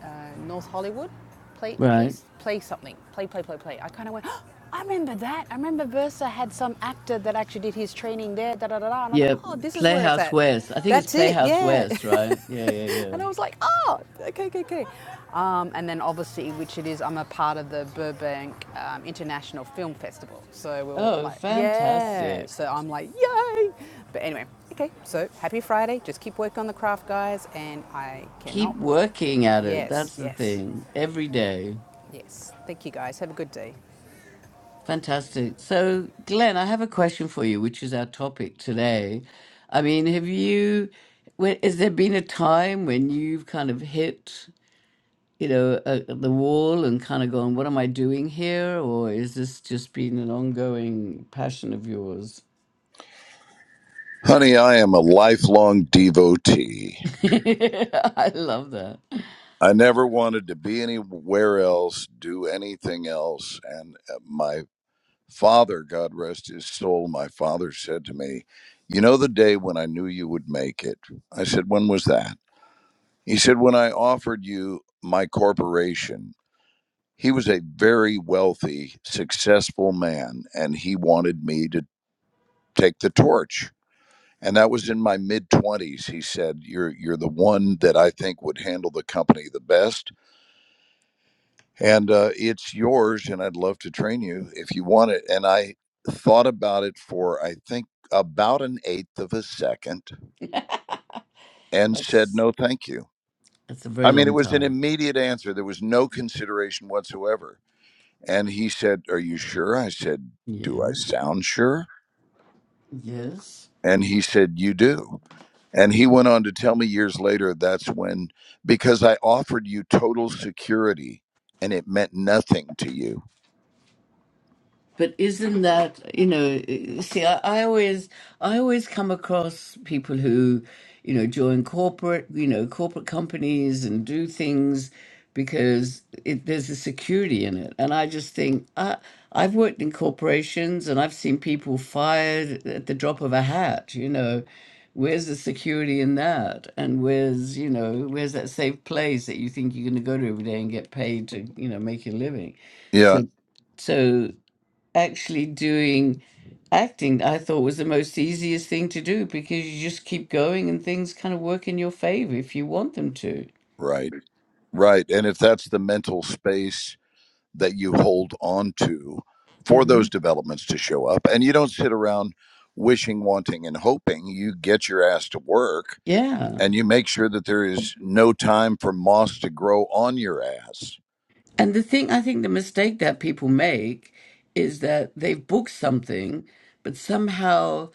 S4: uh, North Hollywood. Play
S1: Right.
S4: Place Play something. Play Play Play Play. I kind of went. Oh, I remember that. I remember Versa had some actor that actually did his training there. Da da da da. And I
S1: Yeah,
S4: thought, oh, this is where it's
S1: Playhouse
S4: at.
S1: West. I think it's
S4: That's it.
S1: Playhouse
S4: Yeah. [laughs]
S1: West, right? Yeah, yeah, yeah.
S4: And I was like, oh, okay, okay, okay. Um, and then obviously, which it is, I'm a part of the Burbank um, International Film Festival. So we were
S1: Oh,
S4: like, yeah.
S1: fantastic.
S4: So I'm like, yay. But anyway, okay, so happy Friday. Just keep working on the craft, guys. And I
S1: Keep
S4: cannot.
S1: working at it.
S4: yes,
S1: That's the
S4: yes,
S1: thing. Every day.
S4: yes. Thank you, guys. Have a good day.
S1: Fantastic. So, Glenn, I have a question for you, which is our topic today. I mean, have you, whe- has there been a time when you've kind of hit, you know, uh, the wall and kind of gone, what am I doing here? Or is this just been an ongoing passion of yours?
S3: Honey, I am a lifelong devotee.
S1: [laughs] I love that.
S3: I never wanted to be anywhere else, do anything else, and uh, my Father, God rest his soul, my father said to me, You know the day when I knew you would make it. I said, When was that? He said, When I offered you my corporation. He was a very wealthy, successful man, and he wanted me to take the torch. And that was in my mid 20s. He said, You're, you're the one that I think would handle the company the best and uh, it's yours and i'd love to train you if you want it and i thought about it for i think about an eighth of a second and said
S1: That's
S3: no thank you
S1: that's a
S3: i
S1: very
S3: mean it
S1: long
S3: was an
S1: time.
S3: immediate answer there was no consideration whatsoever and he said are you sure i said
S1: Yeah.
S3: do i sound sure
S1: Yes.
S3: and he said you do And he went on to tell me years later that's when, because I offered you total security and it meant nothing to you.
S1: But isn't that you know? See, I, I always I always come across people who you know join corporate you know corporate companies and do things because it, there's a security in it, and I just think I I've worked in corporations and I've seen people fired at the drop of a hat. You know, where's the security in that? And where's you know where's that safe place that you think you're going to go to every day and get paid to you know make your living?
S3: Yeah.
S1: So so actually doing acting I thought was the most easiest thing to do because you just keep going and things kind of work in your favor if you want them to.
S3: Right. Right. And if that's the mental space that you hold on to for
S1: hmm
S3: those developments to show up. And you don't sit around wishing, wanting, and hoping. You get your ass to work
S1: Yeah.
S3: and you make sure that there is no time for moss to grow on your ass.
S1: And the thing, I think the mistake that people make is that they've booked something, but somehow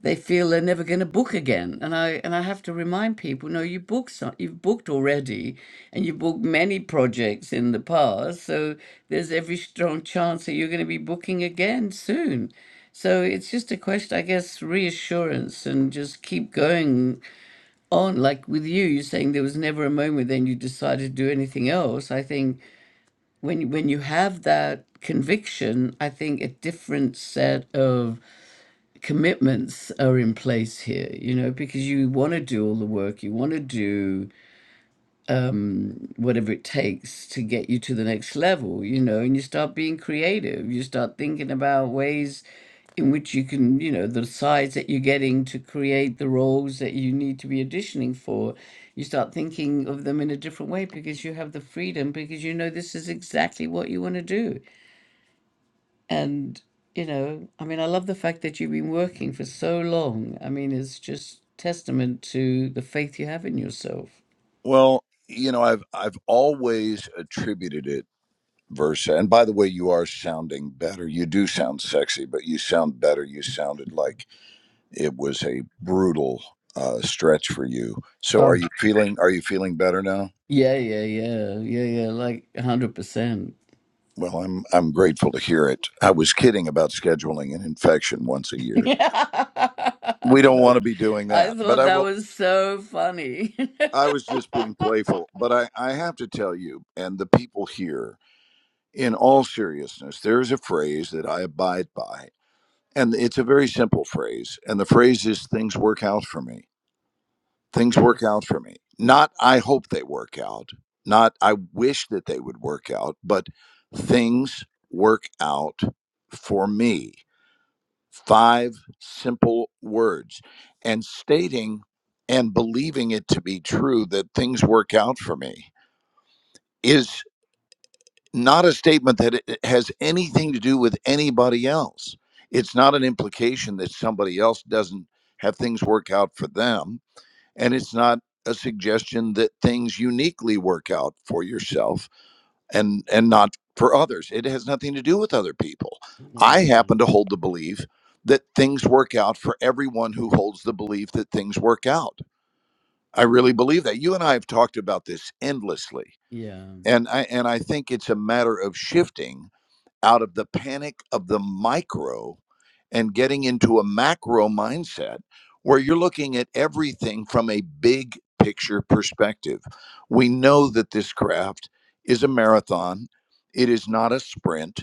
S1: they feel they're never going to book again. And I and I have to remind people, no, you booked some, you've booked already, and you booked many projects in the past. So there's every strong chance that you're going to be booking again soon. So it's just a question, I guess, reassurance and just keep going on. Like with you, you're saying there was never a moment then you decided to do anything else. I think when when you have that conviction, I think a different set of commitments are in place here, you know, because you want to do all the work, you want to do um, whatever it takes to get you to the next level, you know, and you start being creative, you start thinking about ways in which you can, you know, the sides that you're getting to create the roles that you need to be auditioning for, you start thinking of them in a different way because you have the freedom, because you know this is exactly what you want to do And, you know, I mean, I love the fact that you've been working for so long. I mean, it's just testament to the faith you have in yourself.
S3: Well, you know, I've I've always attributed it Versa. And by the way, you are sounding better. You do sound sexy, but you sound better. You sounded like it was a brutal uh, stretch for you. So are
S1: Oh,
S3: you feeling are you feeling better now?
S1: yeah, yeah, yeah, yeah, yeah, like 100%. [laughs]
S3: Well, I'm I'm grateful to hear it. I was kidding about scheduling an infection once a year.
S1: Yeah, I
S3: We
S1: thought
S3: don't
S1: that was,
S3: want to be doing
S1: I
S3: that. But
S1: thought
S3: I
S1: that
S3: will
S1: was so funny. [laughs]
S3: I was just being playful. But I, I have to tell you and the people here, in all seriousness, there is a phrase that I abide by. And it's a very simple phrase. And the phrase is things work out for me. Things work
S1: Yes.
S3: out for me. Not I hope they work out. Not I wish that they would work out, but things work out for me five simple words and stating and believing it to be true that things work out for me is not a statement that it has anything to do with anybody else. It's not an implication that somebody else doesn't have things work out for them. And it's not a suggestion that things uniquely work out for yourself and and not for others. It has nothing to do with other people. I
S1: No.
S3: happen to hold the belief that things work out for everyone who holds the belief that things work out. I really believe that. You and I have talked about this endlessly.
S1: Yeah. [laughs]
S3: And I and I think it's a matter of shifting out of the panic of the micro and getting into a macro mindset where you're looking at everything from a big picture perspective. We know that this craft is a marathon, it is not a sprint.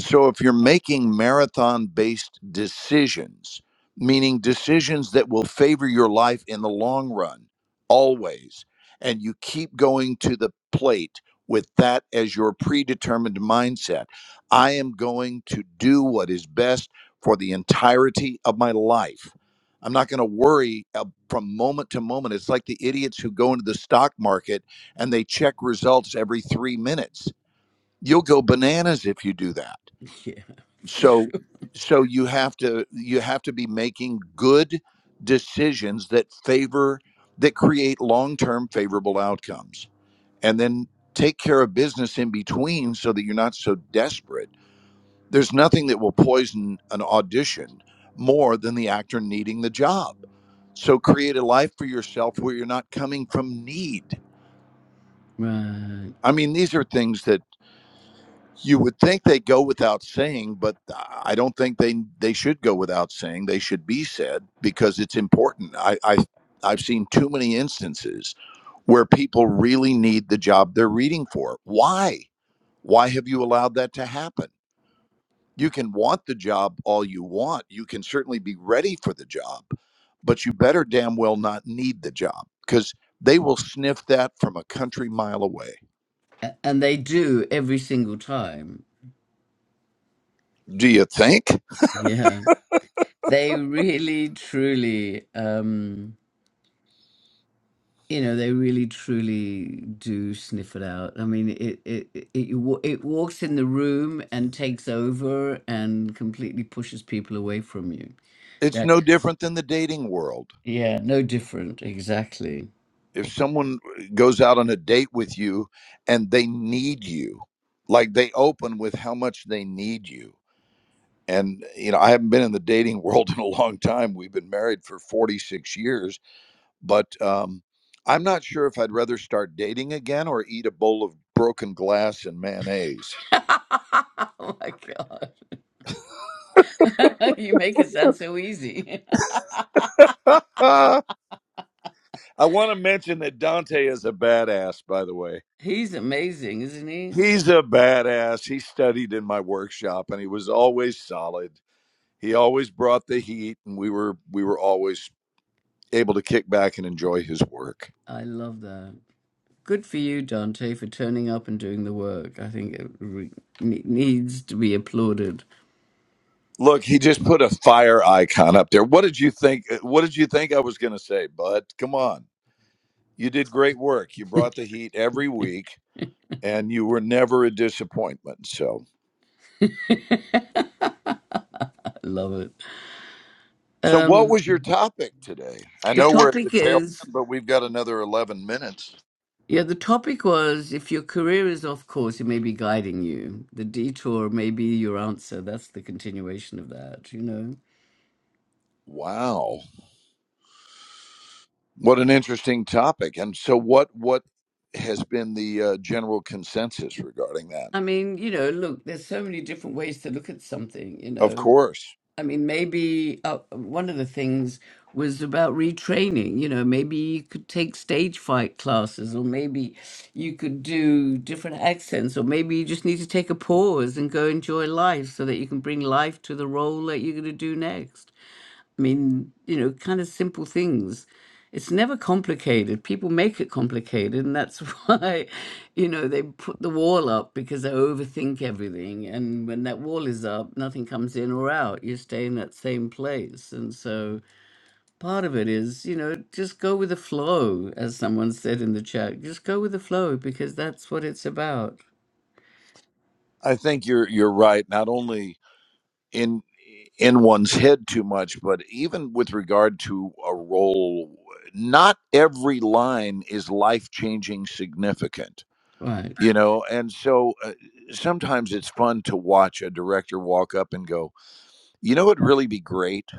S3: So if you're making marathon based decisions, meaning decisions that will favor your life in the long run, always, and you keep going to the plate with that as your predetermined mindset, I am going to do what is best for the entirety of my life. I'm not going to worry uh, from moment to moment. It's like the idiots who go into the stock market and they check results every three minutes. You'll go bananas if you do that
S1: Yeah, for
S3: so
S1: sure.
S3: so you have to you have to be making good decisions that favor that create long-term favorable outcomes and then take care of business in between so that you're not so desperate there's nothing that will poison an audition more than the actor needing the job so create a life for yourself where you're not coming from need
S1: Right.
S3: i mean these are things that You would think they go without saying, but I don't think they they should go without saying. They should be said because it's important. I, I I've seen too many instances where people really need the job they're reading for. Why? Why have you allowed that to happen? You can want the job all you want. You can certainly be ready for the job, but you better damn well not need the job because they will sniff that from a country mile away.
S1: A- And they do every single time.
S3: Do you think?
S1: Yeah. They really, truly, um, you know, they really, truly do sniff it out. I mean, it it it, it wa- it walks in the room and takes over and completely pushes people away from you.
S3: It's
S1: That
S3: no different than the dating world
S1: yeah, no different, exactly.
S3: if someone goes out on a date with you and they need you like they open with how much they need you and you know i haven't been in the dating [laughs] world in a long time we've been married for 46 years but um i'm not sure if i'd rather start dating again or eat a bowl of broken glass and mayonnaise
S1: [laughs] oh my god, [laughs] you make it sound so easy.
S3: [laughs] i want to mention that dante is a badass by the way
S1: [laughs] He's amazing, isn't he?
S3: he's a badass he studied in my workshop and he was always solid He always brought the heat, and we were we were always able to kick back and enjoy his work.
S1: I love that. Good for you, Dante, for turning up and doing the work. I think it re- ne- needs to be applauded.
S3: Look, he just put a fire icon up there. What did you think? uh, What did you think I was going to say, Bud? Come on, you did great work. You brought the heat every week, and you were never a disappointment. So,
S1: Love it.
S3: so what
S1: Um,
S3: was your topic today? I
S1: the
S3: know we're at the
S1: topic
S3: tail
S1: is
S3: end, but we've got another eleven minutes.
S1: yeah, the topic was if your career is off course, it may be guiding you. The detour may be your answer. That's the continuation of that, you know.
S3: Wow, what an interesting topic! And so, what what has been the uh, general consensus regarding that?
S1: I mean, you know, look, there's so many different ways to look at something, you
S3: Of
S1: know.
S3: course.
S1: I mean, maybe uh, one of the things was about retraining. You know, maybe you could take stage fight classes, or maybe you could do different accents, or maybe you just need to take a pause and go enjoy life so that you can bring life to the role that you're going to do next. I mean, you know, kind of simple things. It's never complicated. People make it complicated, and that's [laughs] why, you know, they put the wall up because they overthink everything. And when that wall is up, nothing comes in or out. You stay in that same place. And so part of it is, you know, just go with the flow, as someone said in the chat. Just go with the flow because that's what it's about.
S3: I think you're you're right, not only in in one's head too much, but even with regard to a role, not every line is life-changing significant, you
S1: Right.
S3: know? And so uh, sometimes it's fun to watch a director walk up and go, "You know what'd really be great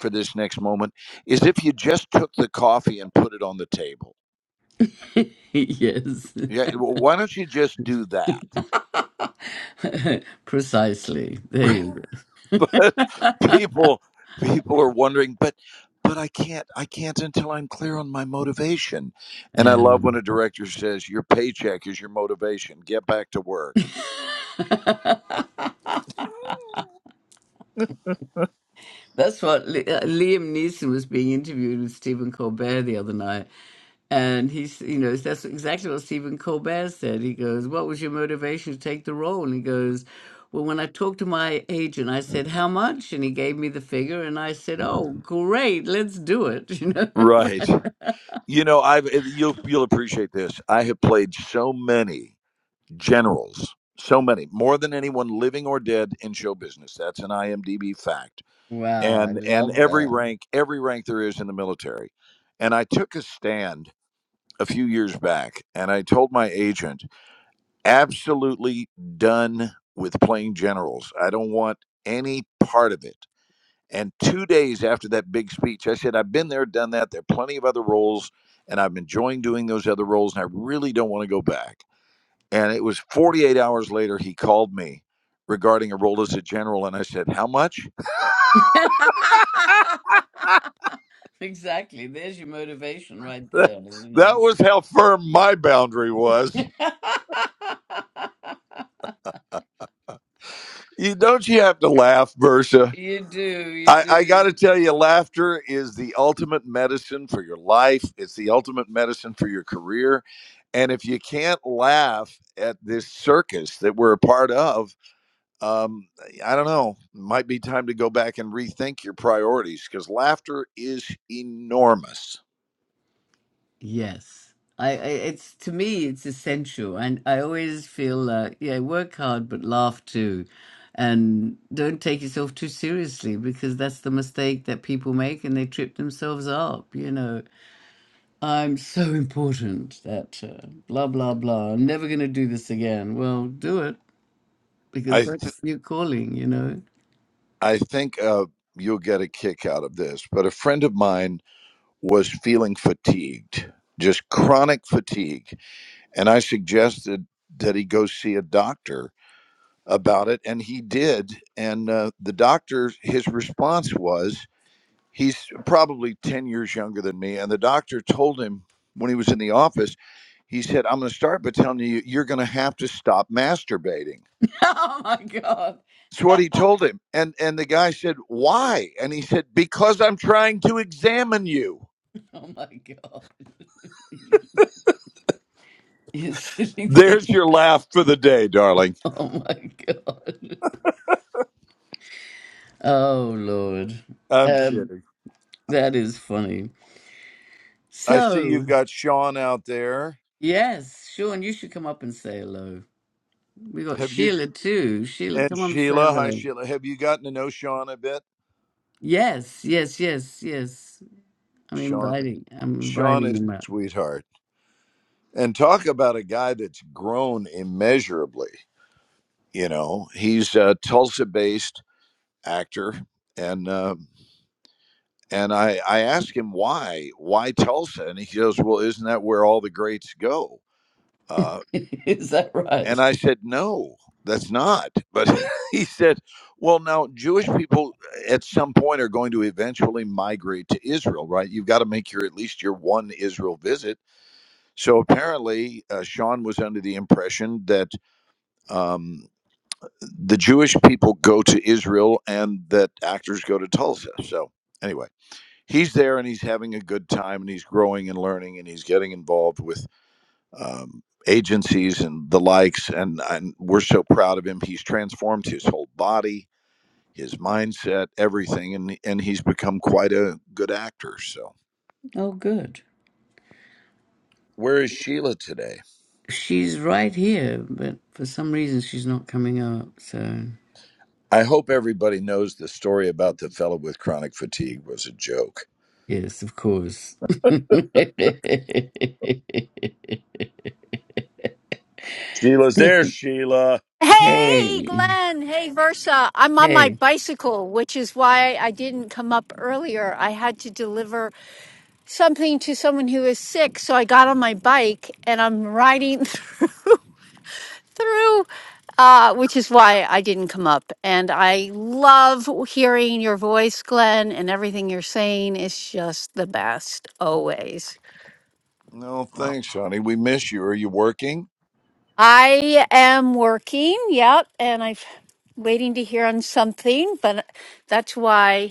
S3: for this next moment is if you just took the coffee and put it on the table."
S1: [laughs] yes.
S3: Yeah, well, why don't you just do that?
S1: [laughs] Precisely. There
S3: [laughs]
S1: you
S3: [laughs]
S1: go. [laughs]
S3: but people people are wondering but but i can't i can't until i'm clear on my motivation and i love
S1: Um,
S3: when a director says your paycheck is your motivation get back to work
S1: [laughs] That's what Li- uh, Liam Neeson was being interviewed with Stephen Colbert the other night. And he's, you know, that's exactly what Stephen Colbert said. He goes, What was your motivation to take the role? And he goes, Well, when I talked to my agent, I said, How much? And he gave me the figure. And I said, 'Oh, great, let's do it. [laughs] You know?
S3: right you know i've eh, you'll you'll appreciate this i have played so many generals so many more than anyone living or dead in show business that's an imdb fact
S1: Wow, I
S3: and and
S1: love
S3: every
S1: that.
S3: rank every rank there is in the military and i took a stand a few years back, and I told my agent, absolutely done with playing generals. I don't want any part of it. And two days after that big speech, I said, I've been there, done that. There are plenty of other roles, and I'm enjoying doing those other roles, and I really don't want to go back. And it was 48 hours later, he called me regarding a role as a general, and I said, How much?
S1: [laughs] exactly. There's your motivation right
S3: [laughs] that
S1: there, you
S3: was how firm my boundary was.
S1: know. [laughs]
S3: You, don't you have to laugh, Versa?
S1: You do, you
S3: I, I got to
S1: do.
S3: tell you, laughter is the ultimate medicine for your life. It's the ultimate medicine for your career. And if you can't laugh at this circus that we're a part of, um, I don't know, might be time to go back and rethink your priorities because laughter is enormous.
S1: Yes. I, I it's to me it's essential and I always feel like yeah, work hard but laugh too. And don't take yourself too seriously because that's the mistake that people make and they trip themselves up, you know. I'm so important that uh, blah blah blah. I'm never going to do this again. Well, do it because
S3: I, th-
S1: that's your calling, you know.
S3: I think uh, you'll get a kick out of this, but a friend of mine was feeling fatigued, just chronic fatigue And I suggested that he go see a doctor about it, and he did. And uh, the doctor, his response was, he's probably 10 years younger than me. And the doctor told him when he was in the office, he said, I'm going to start by telling you, you're going to have to stop masturbating.
S1: [laughs] oh my god.
S3: That's what he told him. And, and the guy said, Why? And he said, Because I'm trying to examine you.
S1: Oh my god. [laughs] you silly
S3: There's your laugh for the day, darling.
S1: [laughs] Oh my God. Oh Lord.
S3: I'm
S1: Um,
S3: kidding.
S1: that is funny.
S3: I see you've
S1: So,
S3: got Sean out there.
S1: yes, Sean, you should come up and say hello. We got
S3: Have you?
S1: Sheila too. Sheila,
S3: And
S1: come up and say
S3: Sheila, hi
S1: hello.
S3: Sheila. Have you gotten to know Sean a bit?
S1: Yes, yes, yes, yes. I'm
S3: Sean
S1: inviting. I'm
S3: Sean
S1: inviting
S3: is
S1: him
S3: a
S1: up.
S3: sweetheart. And talk about a guy that's grown immeasurably. You know, he's a Tulsa based actor and um and I, I asked him why, why Tulsa? And he goes, Well, isn't that where all the greats go? Uh,
S1: [laughs] is that
S3: And
S1: right?
S3: I said, No, that's not. But [laughs] he said, Well, now, Jewish people eh, at some point are going to eventually migrate to Israel, right? You've got to make your at least your one Israel visit. So apparently, uh, Sean was under the impression that um, the Jewish people go to Israel and that actors go to Tulsa. So anyway, he's there and he's having a good time and he's growing and learning and he's getting involved with um, agencies and the likes. And, and we're so proud of him. He's transformed his whole body, his mindset, everything, and and he's become quite a good actor. So.
S1: Oh, good.
S3: Where is Sheila today?
S1: She's right here, but for some reason she's not coming up. So,
S3: I hope everybody knows the story about the fellow with chronic fatigue was a joke.
S1: yes, of course. [laughs]
S3: Sheila's there, Sheila.
S5: Hey,
S1: hey,
S5: Glenn. Hey, Versa. I'm on
S1: hey,
S5: my bicycle, which is why I didn't come up earlier. I had to deliver something to someone who is sick. So I got on my bike and I'm riding [laughs] through, through uh, which is why I didn't come up. And I love hearing your voice, Glenn, and everything you're saying is just the best always.
S3: No, thanks, honey. We miss you. Are you working?
S5: I am working. Yep. And I've waiting to hear on something, but that's why.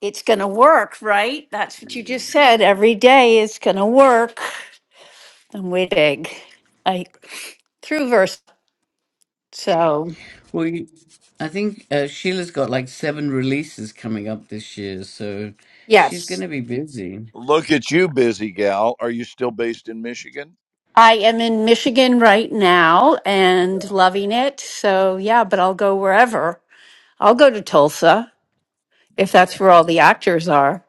S5: it's going to work, right? That's what you just said. Every day it's going to work. And we dig. I through verse. So,
S1: Well, you- I think uh, Sheila's got like seven releases coming up this year, so she's going
S5: yes,
S1: to be busy.
S3: Look at you, busy gal. Are you still based in Michigan?
S5: I am in Michigan right now and
S3: Yeah,
S5: loving it. So, yeah, but I'll go wherever. I'll go to Tulsa if
S3: yeah.
S5: that's where all the actors are.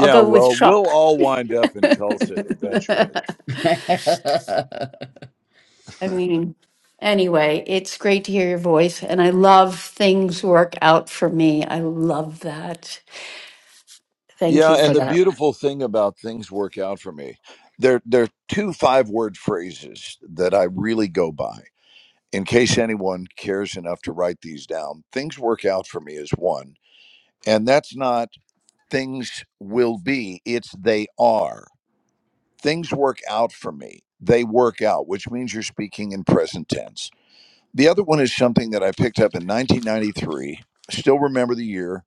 S5: I'll go with
S3: well, we'll
S5: Chuck.
S3: all wind up
S5: [laughs]
S3: in Tulsa eventually.
S5: I
S1: [laughs] wow.
S5: mean, anyway, it's great to hear your voice. And I love things work out for me. I love that. Thank
S3: Yeah,
S5: you
S3: and
S5: for
S3: the
S5: that.
S3: beautiful thing about things work out for me, there there are two five word phrases that I really go by. In case anyone cares enough to write these down, things work out for me is one, and that's not things will be, it's they are. Things work out for me. They work out, which means you're speaking in present tense. The other one is something that I picked up in 1993. Still remember the year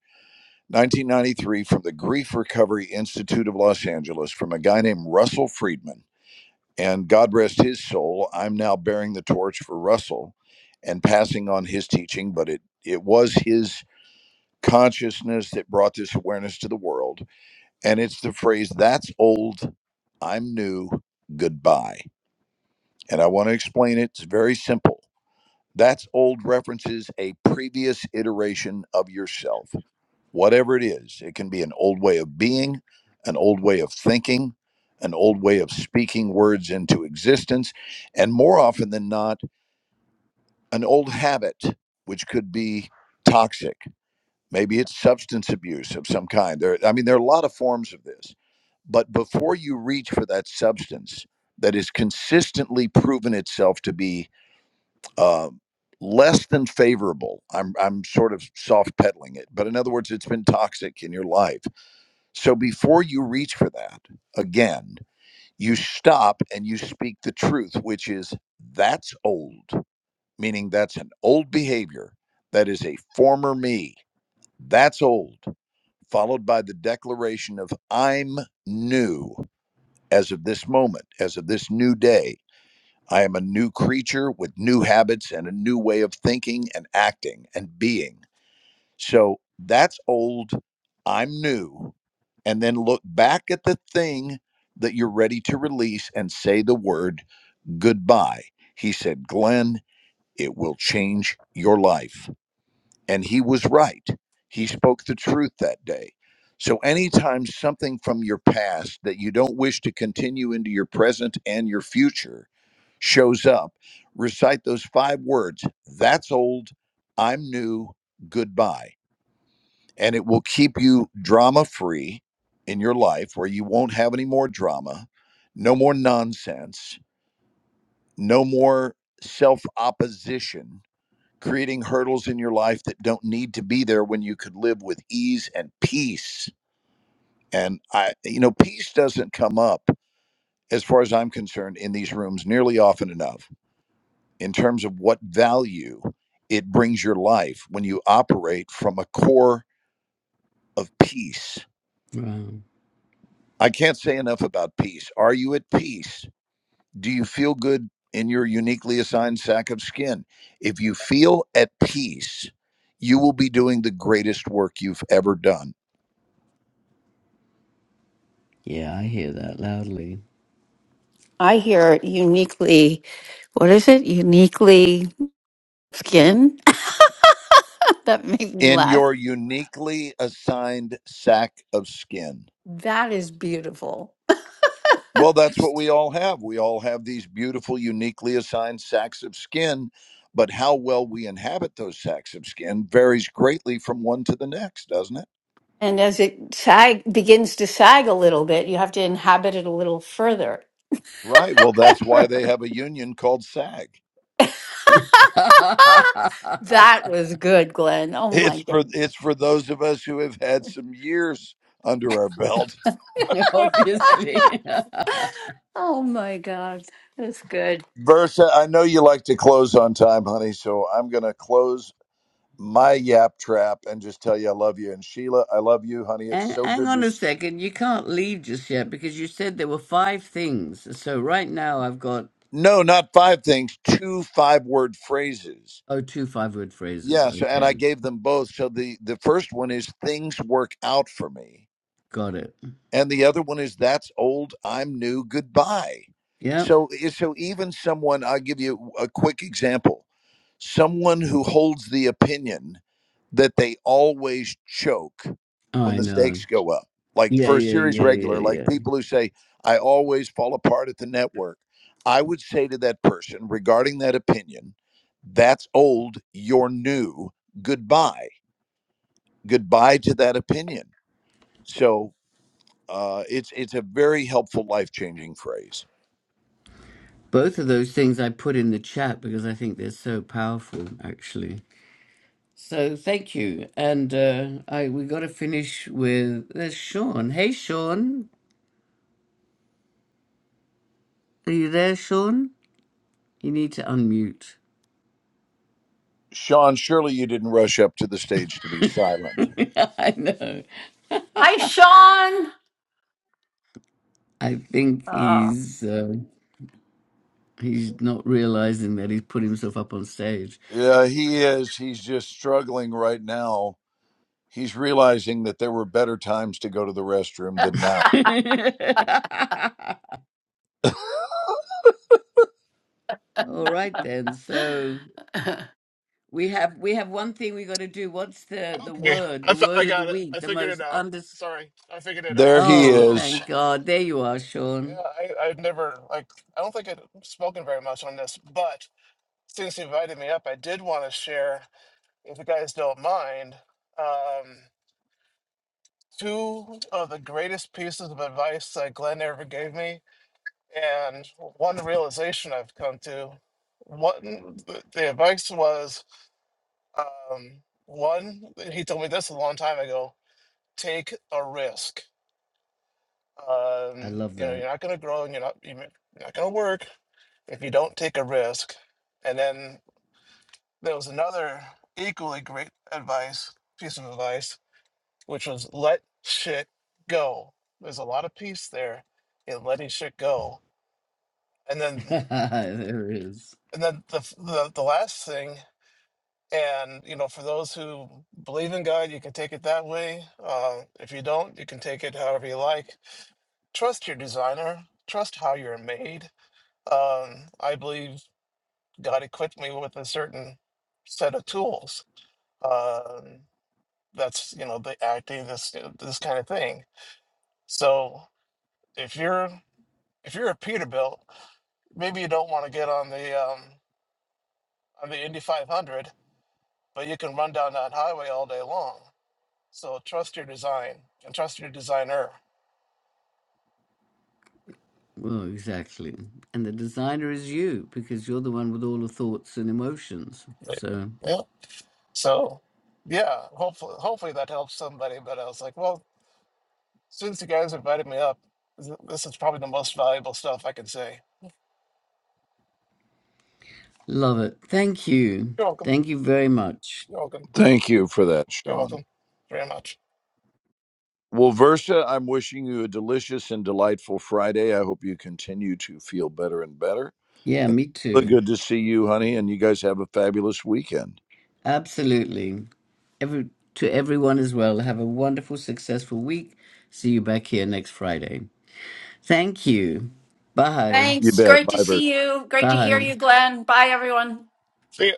S3: 1993 from the Grief Recovery Institute of Los Angeles from a guy named Russell Friedman. And God rest his soul, I'm now bearing the torch for Russell and passing on his teaching, but it, it was his consciousness that brought this awareness to the world. And it's the phrase, that's old, I'm new, goodbye. And I want to explain it. It's very simple. That's old references a previous iteration of yourself whatever it is. It can be an old way of being, an old way of thinking, an old way of speaking words into existence, and more often than not, an old habit, which could be toxic. Maybe it's substance abuse of some kind. There, I mean, there are a lot of forms of this. But before you reach for that substance that has consistently proven itself to be uh, less than favorable, I'm, I'm sort of soft pedaling it, but in other words, it's been toxic in your life so before you reach for that, again, you stop and you speak the truth, which is that's old, meaning that's an old behavior. That is a former me. That's old, followed by the declaration of I'm new as of this moment, as of this new day. I am a new creature with new habits and a new way of thinking and acting and being. So that's old. I'm new. And then look back at the thing that you're ready to release and say the word goodbye. He said, Glenn, it will change your life. And he was right. He spoke the truth that day. So, anytime something from your past that you don't wish to continue into your present and your future shows up, recite those five words that's old, I'm new, goodbye and it will keep you drama free in your life where you won't have any more drama, no more nonsense, no more self opposition, creating hurdles in your life that don't need to be there when you could live with ease and peace. And I, you know, peace doesn't come up, as far as I'm concerned, in these rooms nearly often enough in terms of what value it brings your life when you operate from a core of peace I can't say enough about peace. Are you at peace? Do you feel good in your uniquely assigned sack of skin? If you feel at peace, you will be doing the greatest work you've ever done
S1: Yeah, I hear that loudly.
S5: I hear uniquely, what is it? Uniquely skin? [laughs] that made me
S3: in
S5: laugh.
S3: your uniquely assigned sack of skin.
S5: That is beautiful.
S3: Well, that's what we all have. We all have these beautiful, uniquely assigned sacks of skin, but how well we inhabit those sacks of skin varies greatly from one to the next, doesn't it?
S5: And as it sag, begins to sag a little bit, you have to inhabit it a little further.
S3: Right. Well, that's why they have a union called SAG.
S5: [laughs]
S1: [laughs]
S5: that was good, Glenn. Oh my
S3: It's for
S5: god.
S3: it's for those of us who have had some years under our [laughs] belt.
S5: [laughs]
S1: Obviously. [laughs]
S5: oh my god. That's good.
S3: Versa, I know you like to close on time, honey, so I'm going to close my yap trap and just tell you I love you. And Sheila, I love you, honey. It's
S1: Hang
S3: so
S1: hang
S3: good to.
S1: on a
S3: s-
S1: second. You can't leave just yet because you said there were five things. So right now I've got,
S3: No, not five things, two five word phrases.
S1: oh, two five word phrases.
S3: Yes, and I
S1: Okay.
S3: gave them both. So the the first one is things work out for me.
S1: Got it.
S3: and the other one is that's old i'm new goodbye
S1: Yep.
S3: so eh, so even someone i'll give you a quick example someone who holds the opinion that they always choke when
S1: I
S3: the
S1: know.
S3: stakes go up like
S1: Yeah,
S3: for a
S1: yeah,
S3: series
S1: yeah,
S3: regular like
S1: yeah,
S3: people who say i always fall apart at the network i would say to that person regarding that opinion that's old you're new goodbye goodbye to that opinion So. Uh, it's it's a very helpful, life changing phrase.
S1: Both of those things I put in the chat because I think they're so powerful, actually. So thank you, and uh, I we got to finish with there's Sean. Hey, Sean, are you there, Sean? You need to unmute.
S3: Sean, surely you didn't rush up to the stage to be silent.
S1: [laughs] I know.
S5: Hi,
S1: [laughs]
S5: Sean.
S1: I think
S5: Oh.
S1: he's uh, he's not realizing that he's put himself up on stage. [laughs]
S3: Yeah, he is. He's just struggling right now. He's realizing that there were better times to go to the restroom than now.
S1: All right then. So we have we have one thing we got to do. What's the the
S6: Yeah,
S1: word?
S6: I
S1: The
S6: fi- I
S1: word of the
S6: got it.
S1: week.
S6: I
S1: The
S6: figured it
S1: most
S6: out.
S1: understated
S6: Sorry, I figured it out.
S3: There he
S1: Oh,
S3: is.
S1: thank God. There you are, Sean.
S6: Yeah, I I've never like I don't think I've spoken very much on this, but since you invited me up, I did want to share, if you guys don't mind, um, two of the greatest pieces of advice that Glenn ever gave me, and one realization I've come to. What the the advice was, um, one he told me this a long time ago: take a risk
S1: I
S6: Um,
S1: love
S6: you know,
S1: that.
S6: you're not going to grow and you're not you're not going to work if you don't take a risk. And then there was another equally great advice, piece of advice, which was let shit go. There's a lot of peace there in letting shit go. And then
S1: [laughs] there it is.
S6: and then the f- the, the last thing and you know for those who believe in god you can take it that way uh, if you don't you can take it however you like trust your designer trust how you're made um, I believe God equipped me with a certain set of tools. Um, that's you know the acting, this this kind of thing. So if you're if you're a Peterbilt, maybe you don't want to get on the um, on the Indy 500, but you can run down that highway all day long. So trust your design and trust your designer.
S1: Well, exactly. And the designer is you because you're the one with all the thoughts and emotions.
S6: Right.
S1: So,
S6: Yeah. So yeah, hopefully hopefully that helps somebody. But I was like, well, Since you guys invited me up, th- this is probably the most valuable stuff I can say.
S1: love it. Thank you.
S6: You're welcome.
S1: Thank you very much.
S6: You're welcome.
S3: Thank you for that,
S6: You're
S3: Sean.
S6: welcome very much.
S3: Well, Versa, I'm wishing you a delicious and delightful Friday. I hope you continue to feel better and better.
S1: Yeah,
S3: And
S1: me
S3: really
S1: too.
S3: good to see you, honey. And you guys have a fabulous weekend.
S1: Absolutely. Every to everyone as well. Have a wonderful, successful week. See you back here next Friday. Thank you. Bye.
S3: You
S5: Thanks.
S3: bet.
S5: Great to
S3: Bye, Versa.
S5: see you. Great to hear
S1: Bye.
S5: you, Glenn. Bye, everyone.
S6: See ya.